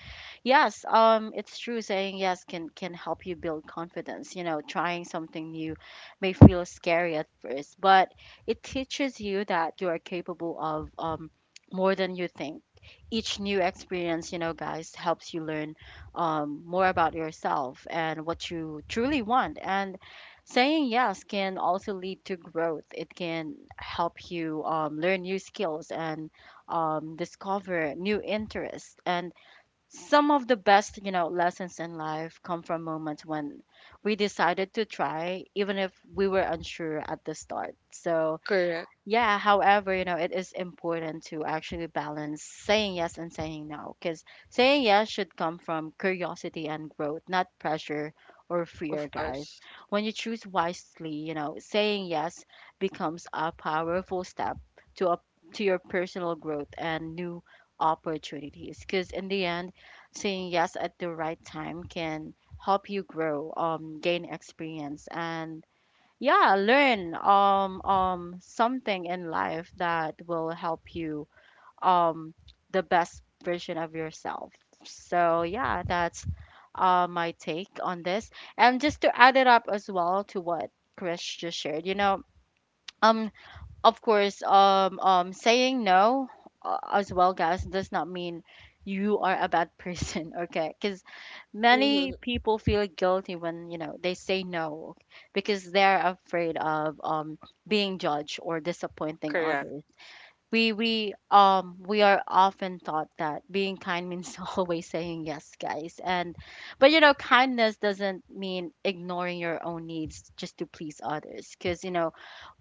Speaker 1: yes, it's true. Saying yes can help you build confidence. You know, trying something new may feel scary at first, but it teaches you that you are capable of, more than you think. Each new experience, you know, guys, helps you learn, more about yourself and what you truly want. And saying yes can also lead to growth. It can help you learn new skills and discover new interests, and some of the best you know lessons in life come from moments when we decided to try, even if we were unsure at the start. So
Speaker 2: Correct.
Speaker 1: yeah, however, you know, it is important to actually balance saying yes and saying no, because saying yes should come from curiosity and growth, not pressure or fear,
Speaker 2: Of
Speaker 1: guys.
Speaker 2: course.
Speaker 1: When you choose wisely, you know, saying yes becomes a powerful step to up to your personal growth and new opportunities, because in the end, saying yes at the right time can help you grow, gain experience, and yeah learn something in life that will help you um the best version of yourself. So yeah, that's my take on this. And just to add it up as well to what Chris just shared, you know, um of course, saying no, as well, guys, does not mean you are a bad person, okay? Because many
Speaker 2: Mm-hmm.
Speaker 1: people feel guilty when you know they say no, because they're afraid of being judged or disappointing
Speaker 2: Correct.
Speaker 1: others. We are often taught that being kind means always saying yes, guys. And but you know kindness doesn't mean ignoring your own needs just to please others, because you know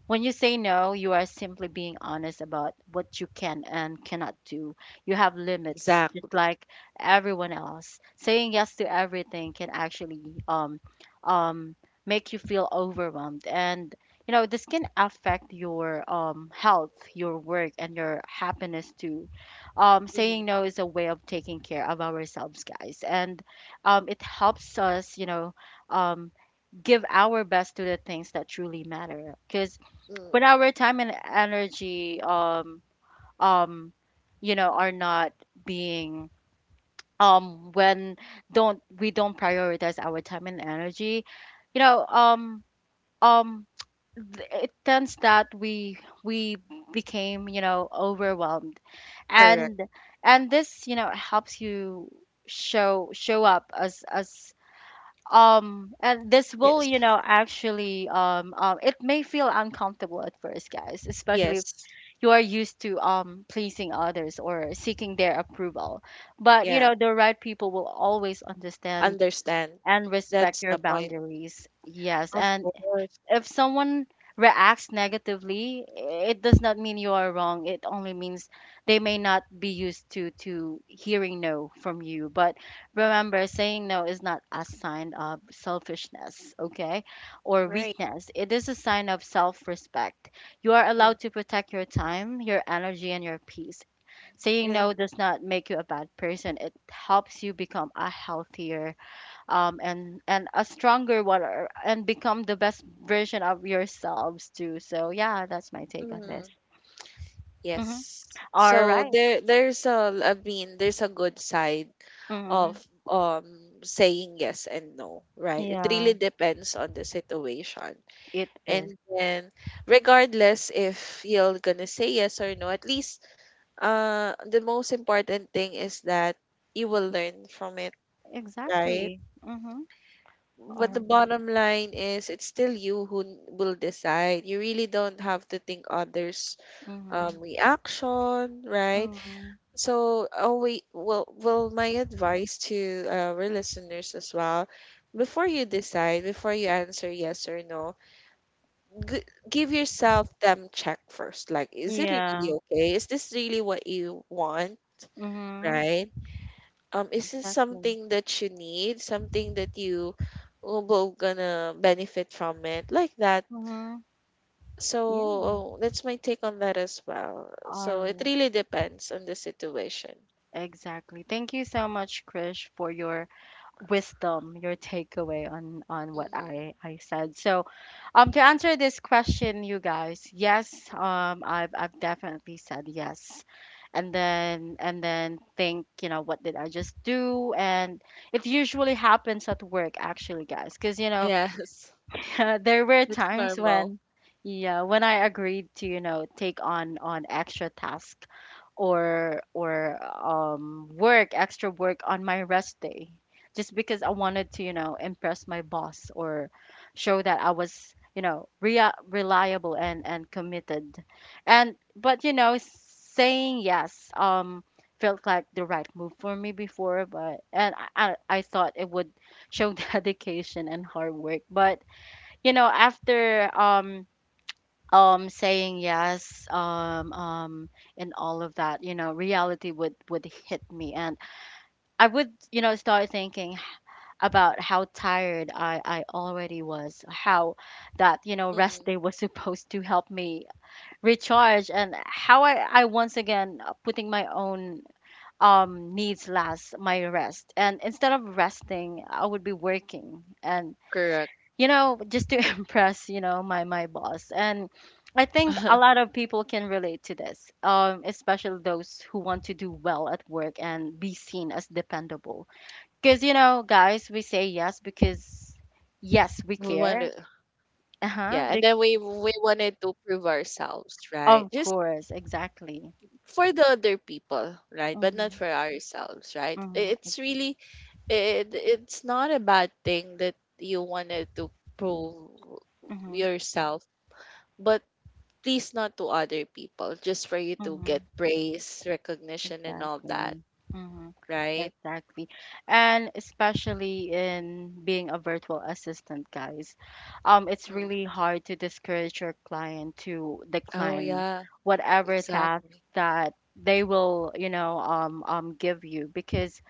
Speaker 1: when you say no, you are simply being honest about what you can and cannot do. You have limits, just
Speaker 2: Exactly.
Speaker 1: like everyone else. Saying yes to everything can actually um, um, make you feel overwhelmed, and you know this can affect your health, your work, and your happiness too.
Speaker 2: Mm-hmm.
Speaker 1: Saying no is a way of taking care of ourselves, guys, and it helps us, you know, um, give our best to the things that truly matter. Because when
Speaker 2: Mm.
Speaker 1: our time and energy um you know are not being when don't we don't prioritize our time and energy, you know, um th- it tends that we became, you know, overwhelmed.
Speaker 2: Correct.
Speaker 1: And this you know helps you show up as, and this will
Speaker 2: Yes.
Speaker 1: you know actually, it may feel uncomfortable at first, guys, especially
Speaker 2: Yes.
Speaker 1: you are used to pleasing others or seeking their approval. But you
Speaker 2: Yeah.
Speaker 1: know, the right people will always understand
Speaker 2: Understand.
Speaker 1: and respect
Speaker 2: That's
Speaker 1: your
Speaker 2: the point.
Speaker 1: boundaries. Yes,
Speaker 2: Of
Speaker 1: and
Speaker 2: course.
Speaker 1: if someone reacts negatively, it does not mean you are wrong, it only means they may not be used to hearing no from you. But remember, saying no is not a sign of selfishness, okay, or
Speaker 2: Right.
Speaker 1: weakness. It is a sign of self-respect. You are
Speaker 2: Mm,
Speaker 1: allowed to protect your time, your energy, and your peace. Saying
Speaker 2: yeah,
Speaker 1: no does not make you a bad person. It helps you become a healthier, and a stronger one, or- and become the best version of yourselves too. So yeah, that's my take on this.
Speaker 2: mm.
Speaker 1: Mm-hmm.
Speaker 2: Yes.
Speaker 1: All
Speaker 2: So
Speaker 1: right.
Speaker 2: there there's a, I mean there's a good side
Speaker 1: Mm-hmm.
Speaker 2: of um saying yes and no, right? It really
Speaker 1: Yeah,
Speaker 2: depends on the situation.
Speaker 1: it is
Speaker 2: And then regardless if you're gonna say yes or no, at least the most important thing is that you will learn from it, right?
Speaker 1: exactly. Mm-hmm.
Speaker 2: But the
Speaker 1: Or
Speaker 2: bottom line is it's still you who n- will decide. You really don't have to think others'
Speaker 1: mm-hmm.
Speaker 2: reaction, right?
Speaker 1: Mm-hmm.
Speaker 2: So, oh wait, well, well, my advice to our listeners as well, before you decide, before you answer yes or no, g- give yourself them check first. Like, is it really
Speaker 1: Yeah.
Speaker 2: okay? Is this really what you want,
Speaker 1: Mm-hmm.
Speaker 2: right? Is this
Speaker 1: Exactly.
Speaker 2: something that you need? Something that you will both gonna benefit from it? Like that.
Speaker 1: Mm-hmm. Yeah.
Speaker 2: So that's my take on that as well.
Speaker 1: All
Speaker 2: So it
Speaker 1: right.
Speaker 2: really depends on the situation.
Speaker 1: Exactly. Thank you so much, Krish, for your wisdom, your takeaway on what
Speaker 2: Hmm.
Speaker 1: I said. So, to answer this question, you guys, yes,
Speaker 2: Hmm.
Speaker 1: I've definitely said yes, and then think, you know, what did I just do? And it usually happens at work, actually, guys, because you know,
Speaker 2: Yes,
Speaker 1: there were
Speaker 2: that's
Speaker 1: times
Speaker 2: normal.
Speaker 1: when, yeah, when I agreed to, you know, take on extra tasks or work extra work on my rest day just because I wanted to, you know, impress my boss or show that I was, you know, reliable and committed and but you know saying yes felt like the right move for me before. But and I thought it would show dedication and hard work. But you know after saying yes and all of that, you know, reality would hit me, and I would, you know, start thinking about how tired I already was, how that, you know, rest
Speaker 2: Hmm.
Speaker 1: day was supposed to help me recharge, and how I once again, putting my own needs last, my rest, and instead of resting I would be working. And
Speaker 2: Correct.
Speaker 1: you know, just to impress, you know, my boss. And I think a lot of people can relate to this, especially those who want to do well at work and be seen as dependable. Because you know, guys, we say yes because yes, we
Speaker 2: We
Speaker 1: care.
Speaker 2: wanted,
Speaker 1: Uh huh.
Speaker 2: yeah, and then we wanted to prove ourselves, right?
Speaker 1: Of
Speaker 2: Just
Speaker 1: course, exactly.
Speaker 2: for the other people, right? But not
Speaker 1: Mhm.
Speaker 2: for ourselves, right? I-
Speaker 1: Mhm.
Speaker 2: It's really it, it's not a bad thing that you wanted to prove
Speaker 1: Mhm.
Speaker 2: yourself, but please not to other people, just for you to get
Speaker 1: Mhm.
Speaker 2: praise, recognition, and all that,
Speaker 1: Exactly. Hmm.
Speaker 2: right?
Speaker 1: Exactly. And especially in being a virtual assistant, guys, it's
Speaker 2: Mm.
Speaker 1: really hard to discourage your client to
Speaker 2: Oh
Speaker 1: decline
Speaker 2: yeah. Oh,
Speaker 1: whatever task
Speaker 2: exactly.
Speaker 1: that they will, you know, give you. Because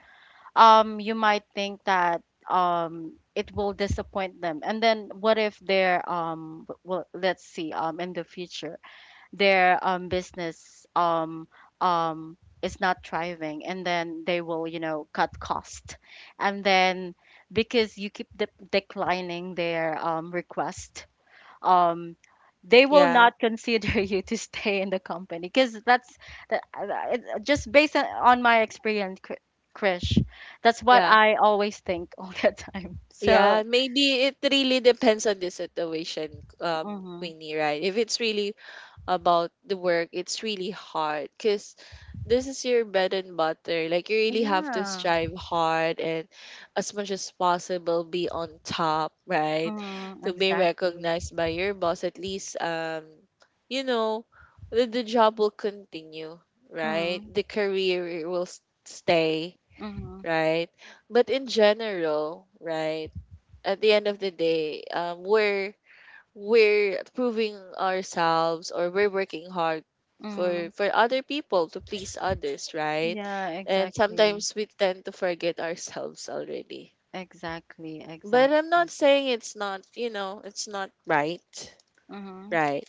Speaker 1: you might think that it will disappoint them. And then what if they're well, let's see, in the future their business is not thriving, and then they will, you know, cut cost, and then because you keep declining their request, um, they will
Speaker 2: Yeah,
Speaker 1: not consider you to stay in the company. Because that's that, just based on my experience, Krish, that's what
Speaker 2: yeah.
Speaker 1: I always think all the time.
Speaker 2: Yeah,
Speaker 1: So
Speaker 2: maybe it really depends on the situation,
Speaker 1: mhm.
Speaker 2: Queenie, right? If it's really about the work, it's really hard because this is your bread and butter. Like you really have to
Speaker 1: Yeah,
Speaker 2: strive hard and as much as possible be on top, right?
Speaker 1: mm,
Speaker 2: To be
Speaker 1: exactly.
Speaker 2: recognized by your boss at least you know the job will continue, right? The career will s- stay,
Speaker 1: Mm-hmm.
Speaker 2: right? But in general, right? At the end of the day, we're proving ourselves or we're working hard for other people to please others, right?
Speaker 1: Yeah,
Speaker 2: And
Speaker 1: exactly.
Speaker 2: sometimes we tend to forget ourselves already,
Speaker 1: Exactly, exactly.
Speaker 2: but
Speaker 1: Exact.
Speaker 2: I'm not saying it's not, you know, it's not right,
Speaker 1: Mhm.
Speaker 2: right?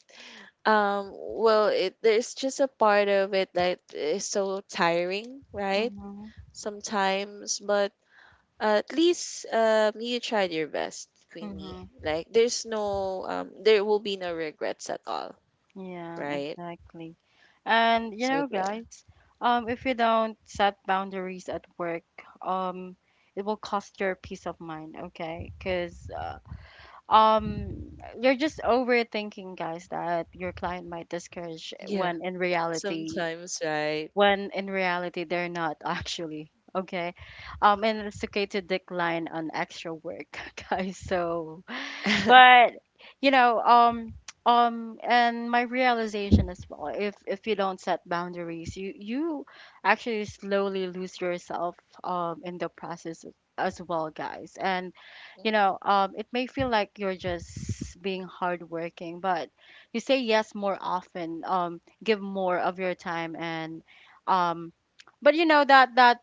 Speaker 2: Well, it there's just a part of it that is so tiring, right,
Speaker 1: Mhm.
Speaker 2: sometimes. But at least you tried your best, Queenie.
Speaker 1: Mhm.
Speaker 2: Like there's no there will be no regrets at all,
Speaker 1: Yeah,
Speaker 2: right?
Speaker 1: exactly. And you
Speaker 2: So
Speaker 1: know,
Speaker 2: there,
Speaker 1: guys, um, if you don't set boundaries at work, um, it will cost your peace of mind, okay? 'Cause um, you're just overthinking, guys, that your client might discourage
Speaker 2: yeah,
Speaker 1: when in reality,
Speaker 2: sometimes, right?
Speaker 1: when in reality they're not actually okay. Um, and it's okay to decline on extra work, guys. So but you know, and my realization as well, if you don't set boundaries, you actually slowly lose yourself in the process as well, guys. And you
Speaker 2: Hmm.
Speaker 1: know, it may feel like you're just being hardworking, but you say yes more often, give more of your time, and um, but you know that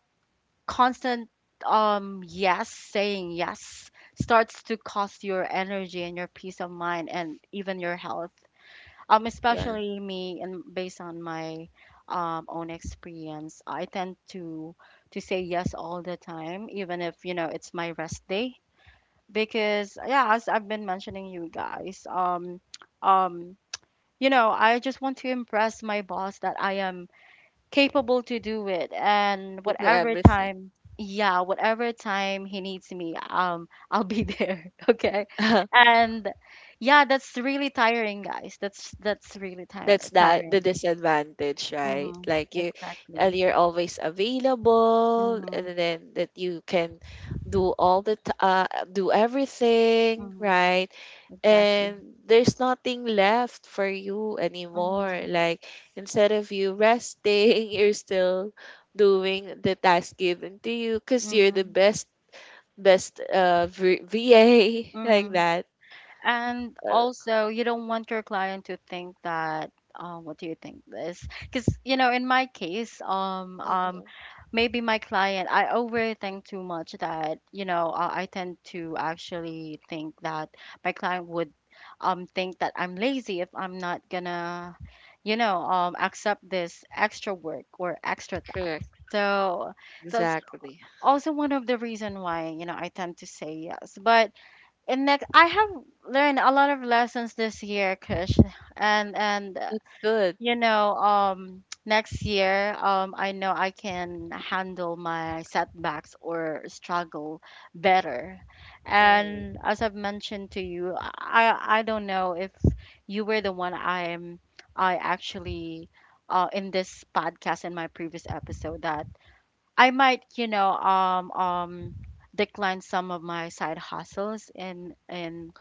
Speaker 1: constant um, saying yes starts to cost your energy and your peace of mind and even your health, um,
Speaker 2: Yeah,
Speaker 1: especially me. And based on my um, own experience, I tend to say yes all the time, even if you know it's my rest day. Because yeah, as I've been mentioning, you guys, um, um, you know, I just want to impress my boss that I am capable to do it. And
Speaker 2: to do
Speaker 1: whatever
Speaker 2: everything.
Speaker 1: time, yeah, whatever time he needs me, um, I'll be there, okay. And yeah, that's really tiring, guys. That's really tire
Speaker 2: That's that the
Speaker 1: tiring.
Speaker 2: disadvantage, right?
Speaker 1: Mm-hmm.
Speaker 2: Like you,
Speaker 1: Exactly.
Speaker 2: and you're always available, and
Speaker 1: Mm-hmm.
Speaker 2: then that you can do all the t- do everything,
Speaker 1: Mm-hmm.
Speaker 2: right?
Speaker 1: Exactly.
Speaker 2: And there's nothing left for you anymore.
Speaker 1: Mm-hmm.
Speaker 2: Like, instead of you resting, you're still doing the task given to you because you're the
Speaker 1: Mm-hmm.
Speaker 2: best v- VA, like
Speaker 1: Mm-hmm.
Speaker 2: that.
Speaker 1: And
Speaker 2: Uh,
Speaker 1: also, you don't want your client to think that, what do you think this? Because, you know, in my case,
Speaker 2: hmm,
Speaker 1: maybe my client, I overthink too much that, you know, I tend to actually think that my client would think that I'm lazy if I'm not gonna, you know, accept this extra work or extra task.
Speaker 2: correct.
Speaker 1: So that's
Speaker 2: Exactly.
Speaker 1: also one of the reason why, you know, I tend to say yes. But and next, I have learned a lot of lessons this year, Kush, and
Speaker 2: That's good.
Speaker 1: you know, next year, I know I can handle my setbacks or struggle better.
Speaker 2: Hmm.
Speaker 1: And as I've mentioned to you, I don't know if you were the one I'm I actually uh, in this podcast in my previous episode that I might, you know, decline some of my side hustles in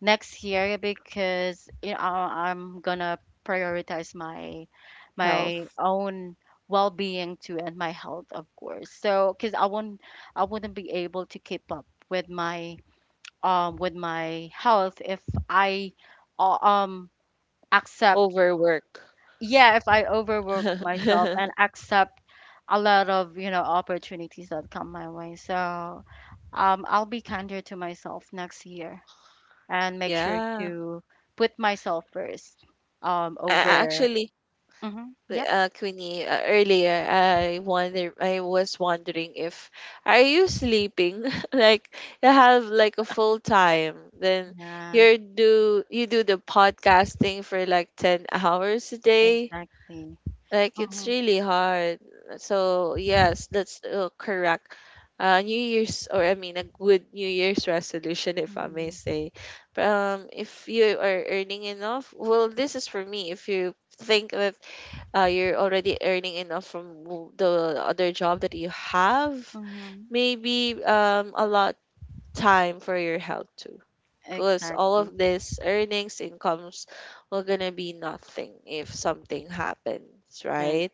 Speaker 1: next year. Because you know, I'm gonna prioritize my
Speaker 2: Health
Speaker 1: own well-being too and my health of course. So because I won't, I wouldn't be able to keep up with my um, with my health if I, uh, um accept,
Speaker 2: over work.
Speaker 1: yeah, if I overwork myself and accept a lot of, you know, opportunities that come my way. So um, I'll be kinder to myself next year and make sure
Speaker 2: Yeah.
Speaker 1: to put myself first
Speaker 2: A-
Speaker 1: over
Speaker 2: actually,
Speaker 1: mm-hmm, yep.
Speaker 2: Queenie, earlier I wonder I was wondering if are you sleeping? Like you have like a full time, then
Speaker 1: Yeah,
Speaker 2: you're do you do the podcasting for like 10 hours a day?
Speaker 1: exactly.
Speaker 2: Like it's
Speaker 1: Mm-hmm.
Speaker 2: really hard. So yes, that's correct. New Year's, or I mean, a good New Year's resolution, if I may
Speaker 1: Mm-hmm.
Speaker 2: say. But, um, if you are earning enough, well, this is for me. If you think that you're already earning enough from w- the other job that you have,
Speaker 1: Mm-hmm.
Speaker 2: maybe a lot time for your health too. Because all
Speaker 1: Exactly.
Speaker 2: of this earnings, incomes were gonna be nothing if something happens, right?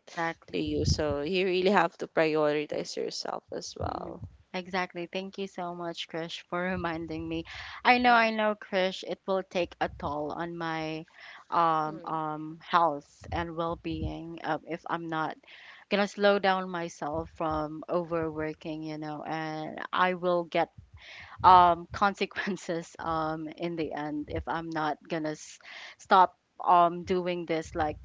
Speaker 2: To you. So you really have to prioritize yourself as
Speaker 1: Mm-hmm.
Speaker 2: well.
Speaker 1: Exactly. Thank you so much, Krish, for reminding me. I
Speaker 2: Mm,
Speaker 1: know, Krish, it will take a toll on my
Speaker 2: mm,
Speaker 1: health and well-being if I'm not gonna slow down myself from overworking, you know, and I will get consequences in the end if I'm not gonna stop doing this like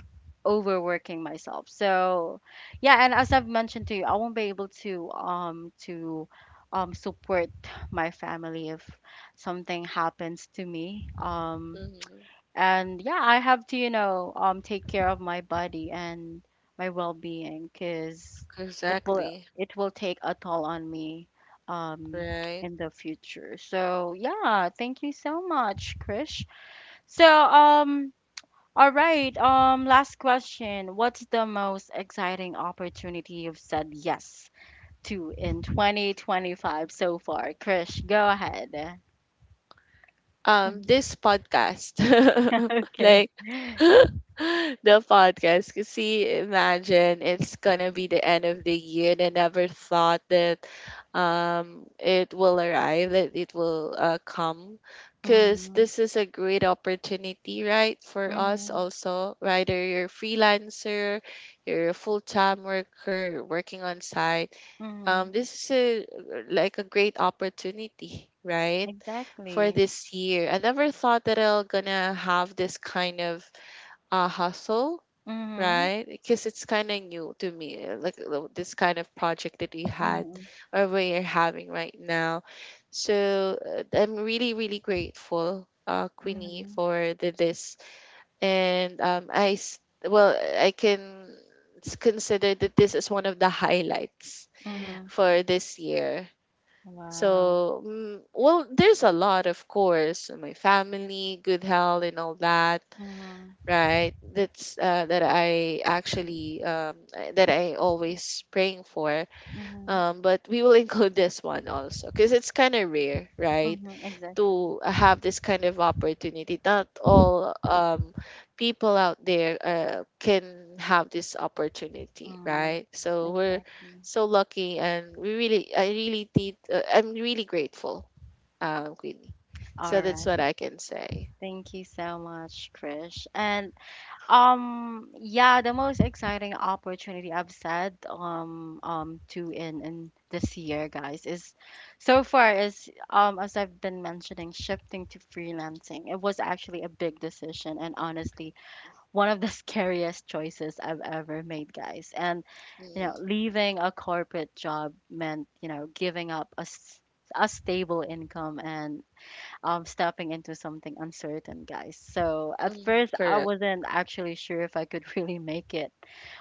Speaker 1: overworking myself. So yeah, and as I've mentioned to you, I won't be able to support my family if something happens to me.
Speaker 2: mm.
Speaker 1: And yeah, I have to, you know, um, take care of my body and my well-being. Because it will,
Speaker 2: Exactly.
Speaker 1: it will take a toll on me um,
Speaker 2: Right.
Speaker 1: in the future. So yeah, thank you so much, Krish. So um, all right, um, last question, what's the most exciting opportunity you've said yes to in 2025 so far, Krish? Go ahead. Mhm.
Speaker 2: This podcast.
Speaker 1: Okay.
Speaker 2: Like, the podcast. 'Cause see, imagine it's gonna be the end of the year and I never thought that it will arrive, that it will come, because
Speaker 1: Hmm.
Speaker 2: this is a great opportunity, right, for us
Speaker 1: Hmm.
Speaker 2: also. Whether you're a freelancer, you're a full-time worker, you're working on site, this is a, like a great opportunity, right? For
Speaker 1: Exactly.
Speaker 2: this year. I never thought that I'll gonna have this kind of hustle,
Speaker 1: Mhm.
Speaker 2: right? Because it's kind of new to me, like this kind of project that we had
Speaker 1: Mhm.
Speaker 2: or we are having right now. So I'm really, really grateful, Queenie,
Speaker 1: Mhm.
Speaker 2: for the, this. And well, I can consider that this is one of the highlights
Speaker 1: Mhm.
Speaker 2: for this year.
Speaker 1: Wow.
Speaker 2: So, mm, well, there's a lot, of course, my family, good health, and all that,
Speaker 1: Mhm.
Speaker 2: right? That's that I actually that I always praying for.
Speaker 1: Mhm.
Speaker 2: But we will include this one also because it's kind of rare, right?
Speaker 1: Mhm. Exactly.
Speaker 2: To have this kind of opportunity. Not all people out there can have this opportunity,
Speaker 1: Mhm.
Speaker 2: right? So we're
Speaker 1: Exactly.
Speaker 2: so lucky, and we really, I really did. I'm really grateful, Queenie. So
Speaker 1: All
Speaker 2: that's
Speaker 1: right.
Speaker 2: what I can say.
Speaker 1: Thank you so much, Krish. And yeah, the most exciting opportunity I've said to in this year, guys, is so far is um, as I've been mentioning, shifting to freelancing. It was actually a big decision, and honestly, one of the scariest choices I've ever made, guys. And you know,
Speaker 2: Mm,
Speaker 1: leaving a corporate job meant, you know, giving up a, a stable income and stepping into something uncertain, guys. So at
Speaker 2: mm,
Speaker 1: first, I
Speaker 2: correct.
Speaker 1: wasn't actually sure if I could really make it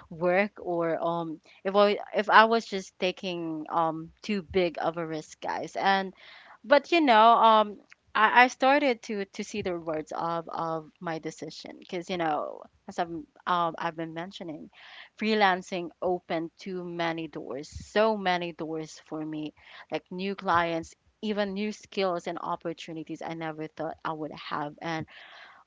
Speaker 1: work or if I was just taking too big of a risk, guys. And but you know um, I started to see the rewards of my decision. Because you know, as I've been mentioning, freelancing opened too many doors, so many doors for me, like new clients, even new skills and opportunities I never thought I would have. And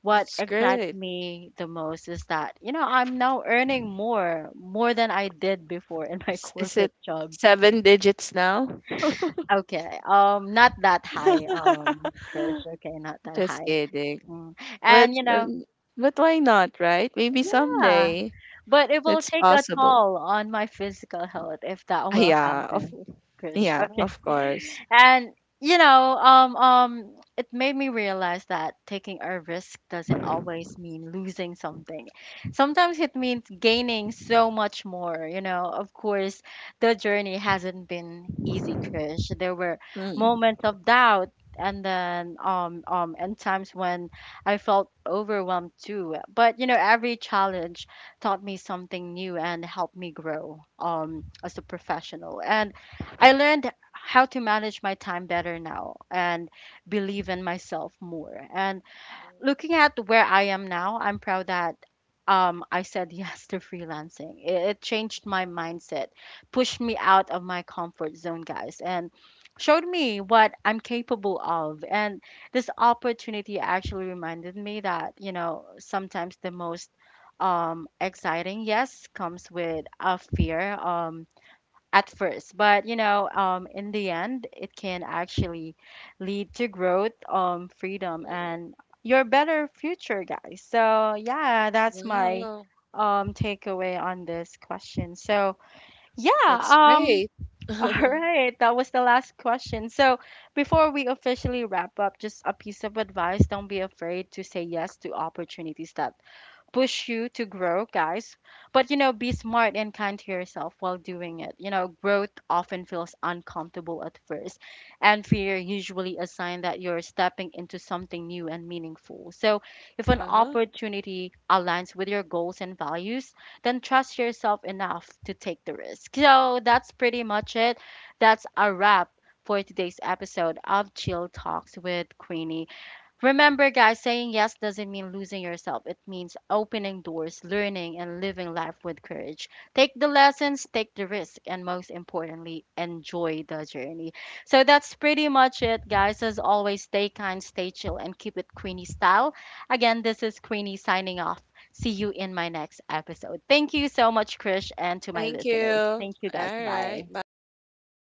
Speaker 1: what
Speaker 2: That's
Speaker 1: excites
Speaker 2: great.
Speaker 1: me the most is that, you know, I'm now earning more than I did before in my
Speaker 2: S- is it
Speaker 1: corporate job.
Speaker 2: seven digits now?
Speaker 1: Okay. Not that high, Krish. Okay, not that
Speaker 2: Just
Speaker 1: high.
Speaker 2: kidding.
Speaker 1: Mm.
Speaker 2: But
Speaker 1: And you know,
Speaker 2: um, but why not, right? Maybe
Speaker 1: yeah.
Speaker 2: someday
Speaker 1: But it will
Speaker 2: it's
Speaker 1: take a
Speaker 2: possible.
Speaker 1: toll on my physical health if that
Speaker 2: Ah,
Speaker 1: will happen, Krish.
Speaker 2: yeah,
Speaker 1: Okay.
Speaker 2: of course.
Speaker 1: And you know, it made me realize that taking a risk doesn't always mean losing something. Sometimes it means gaining so much more. You know, of course, the journey hasn't been easy, Krish. There were
Speaker 2: Mm.
Speaker 1: moments of doubt, and then and times when I felt overwhelmed too. But you know, every challenge taught me something new and helped me grow as a professional. And I learned how to manage my time better now and believe in myself more. And looking at where I am now, I'm proud that I said yes to freelancing. It changed my mindset, pushed me out of my comfort zone, guys, and showed me what I'm capable of. And this opportunity actually reminded me that, you know, sometimes the most exciting yes comes with a fear. At first, but you know in the end it can actually lead to growth, freedom,
Speaker 2: Mm.
Speaker 1: and your better future, guys. So yeah, that's my
Speaker 2: Wow,
Speaker 1: takeaway on this question. So yeah,
Speaker 2: that's
Speaker 1: um,
Speaker 2: great.
Speaker 1: all
Speaker 2: Uh-huh.
Speaker 1: right, that was the last question. So before we officially wrap up, just a piece of advice: don't be afraid to say yes to opportunities that push you to grow, guys. But you know, be smart and kind to yourself while doing it. You know, growth often feels uncomfortable at first, and fear usually a sign that you're stepping into something new and meaningful. So, if an opportunity aligns with your goals and values, then trust yourself enough to take the risk. So, that's pretty much it. That's a wrap for today's episode of Chill Talks with Queenie. Remember, guys, saying yes doesn't mean losing yourself. It means opening doors, learning, and living life with courage. Take the lessons, take the risk, and most importantly, enjoy the journey. So that's pretty much it, guys. As always, stay kind, stay chill, and keep it Queenie style. Again, this is Queenie signing off. See you in my next episode. Thank you so much, Krish, and to my
Speaker 2: Thank you.
Speaker 1: listeners.
Speaker 2: All
Speaker 1: Thank you, guys.
Speaker 2: right.
Speaker 1: Bye.
Speaker 2: Bye.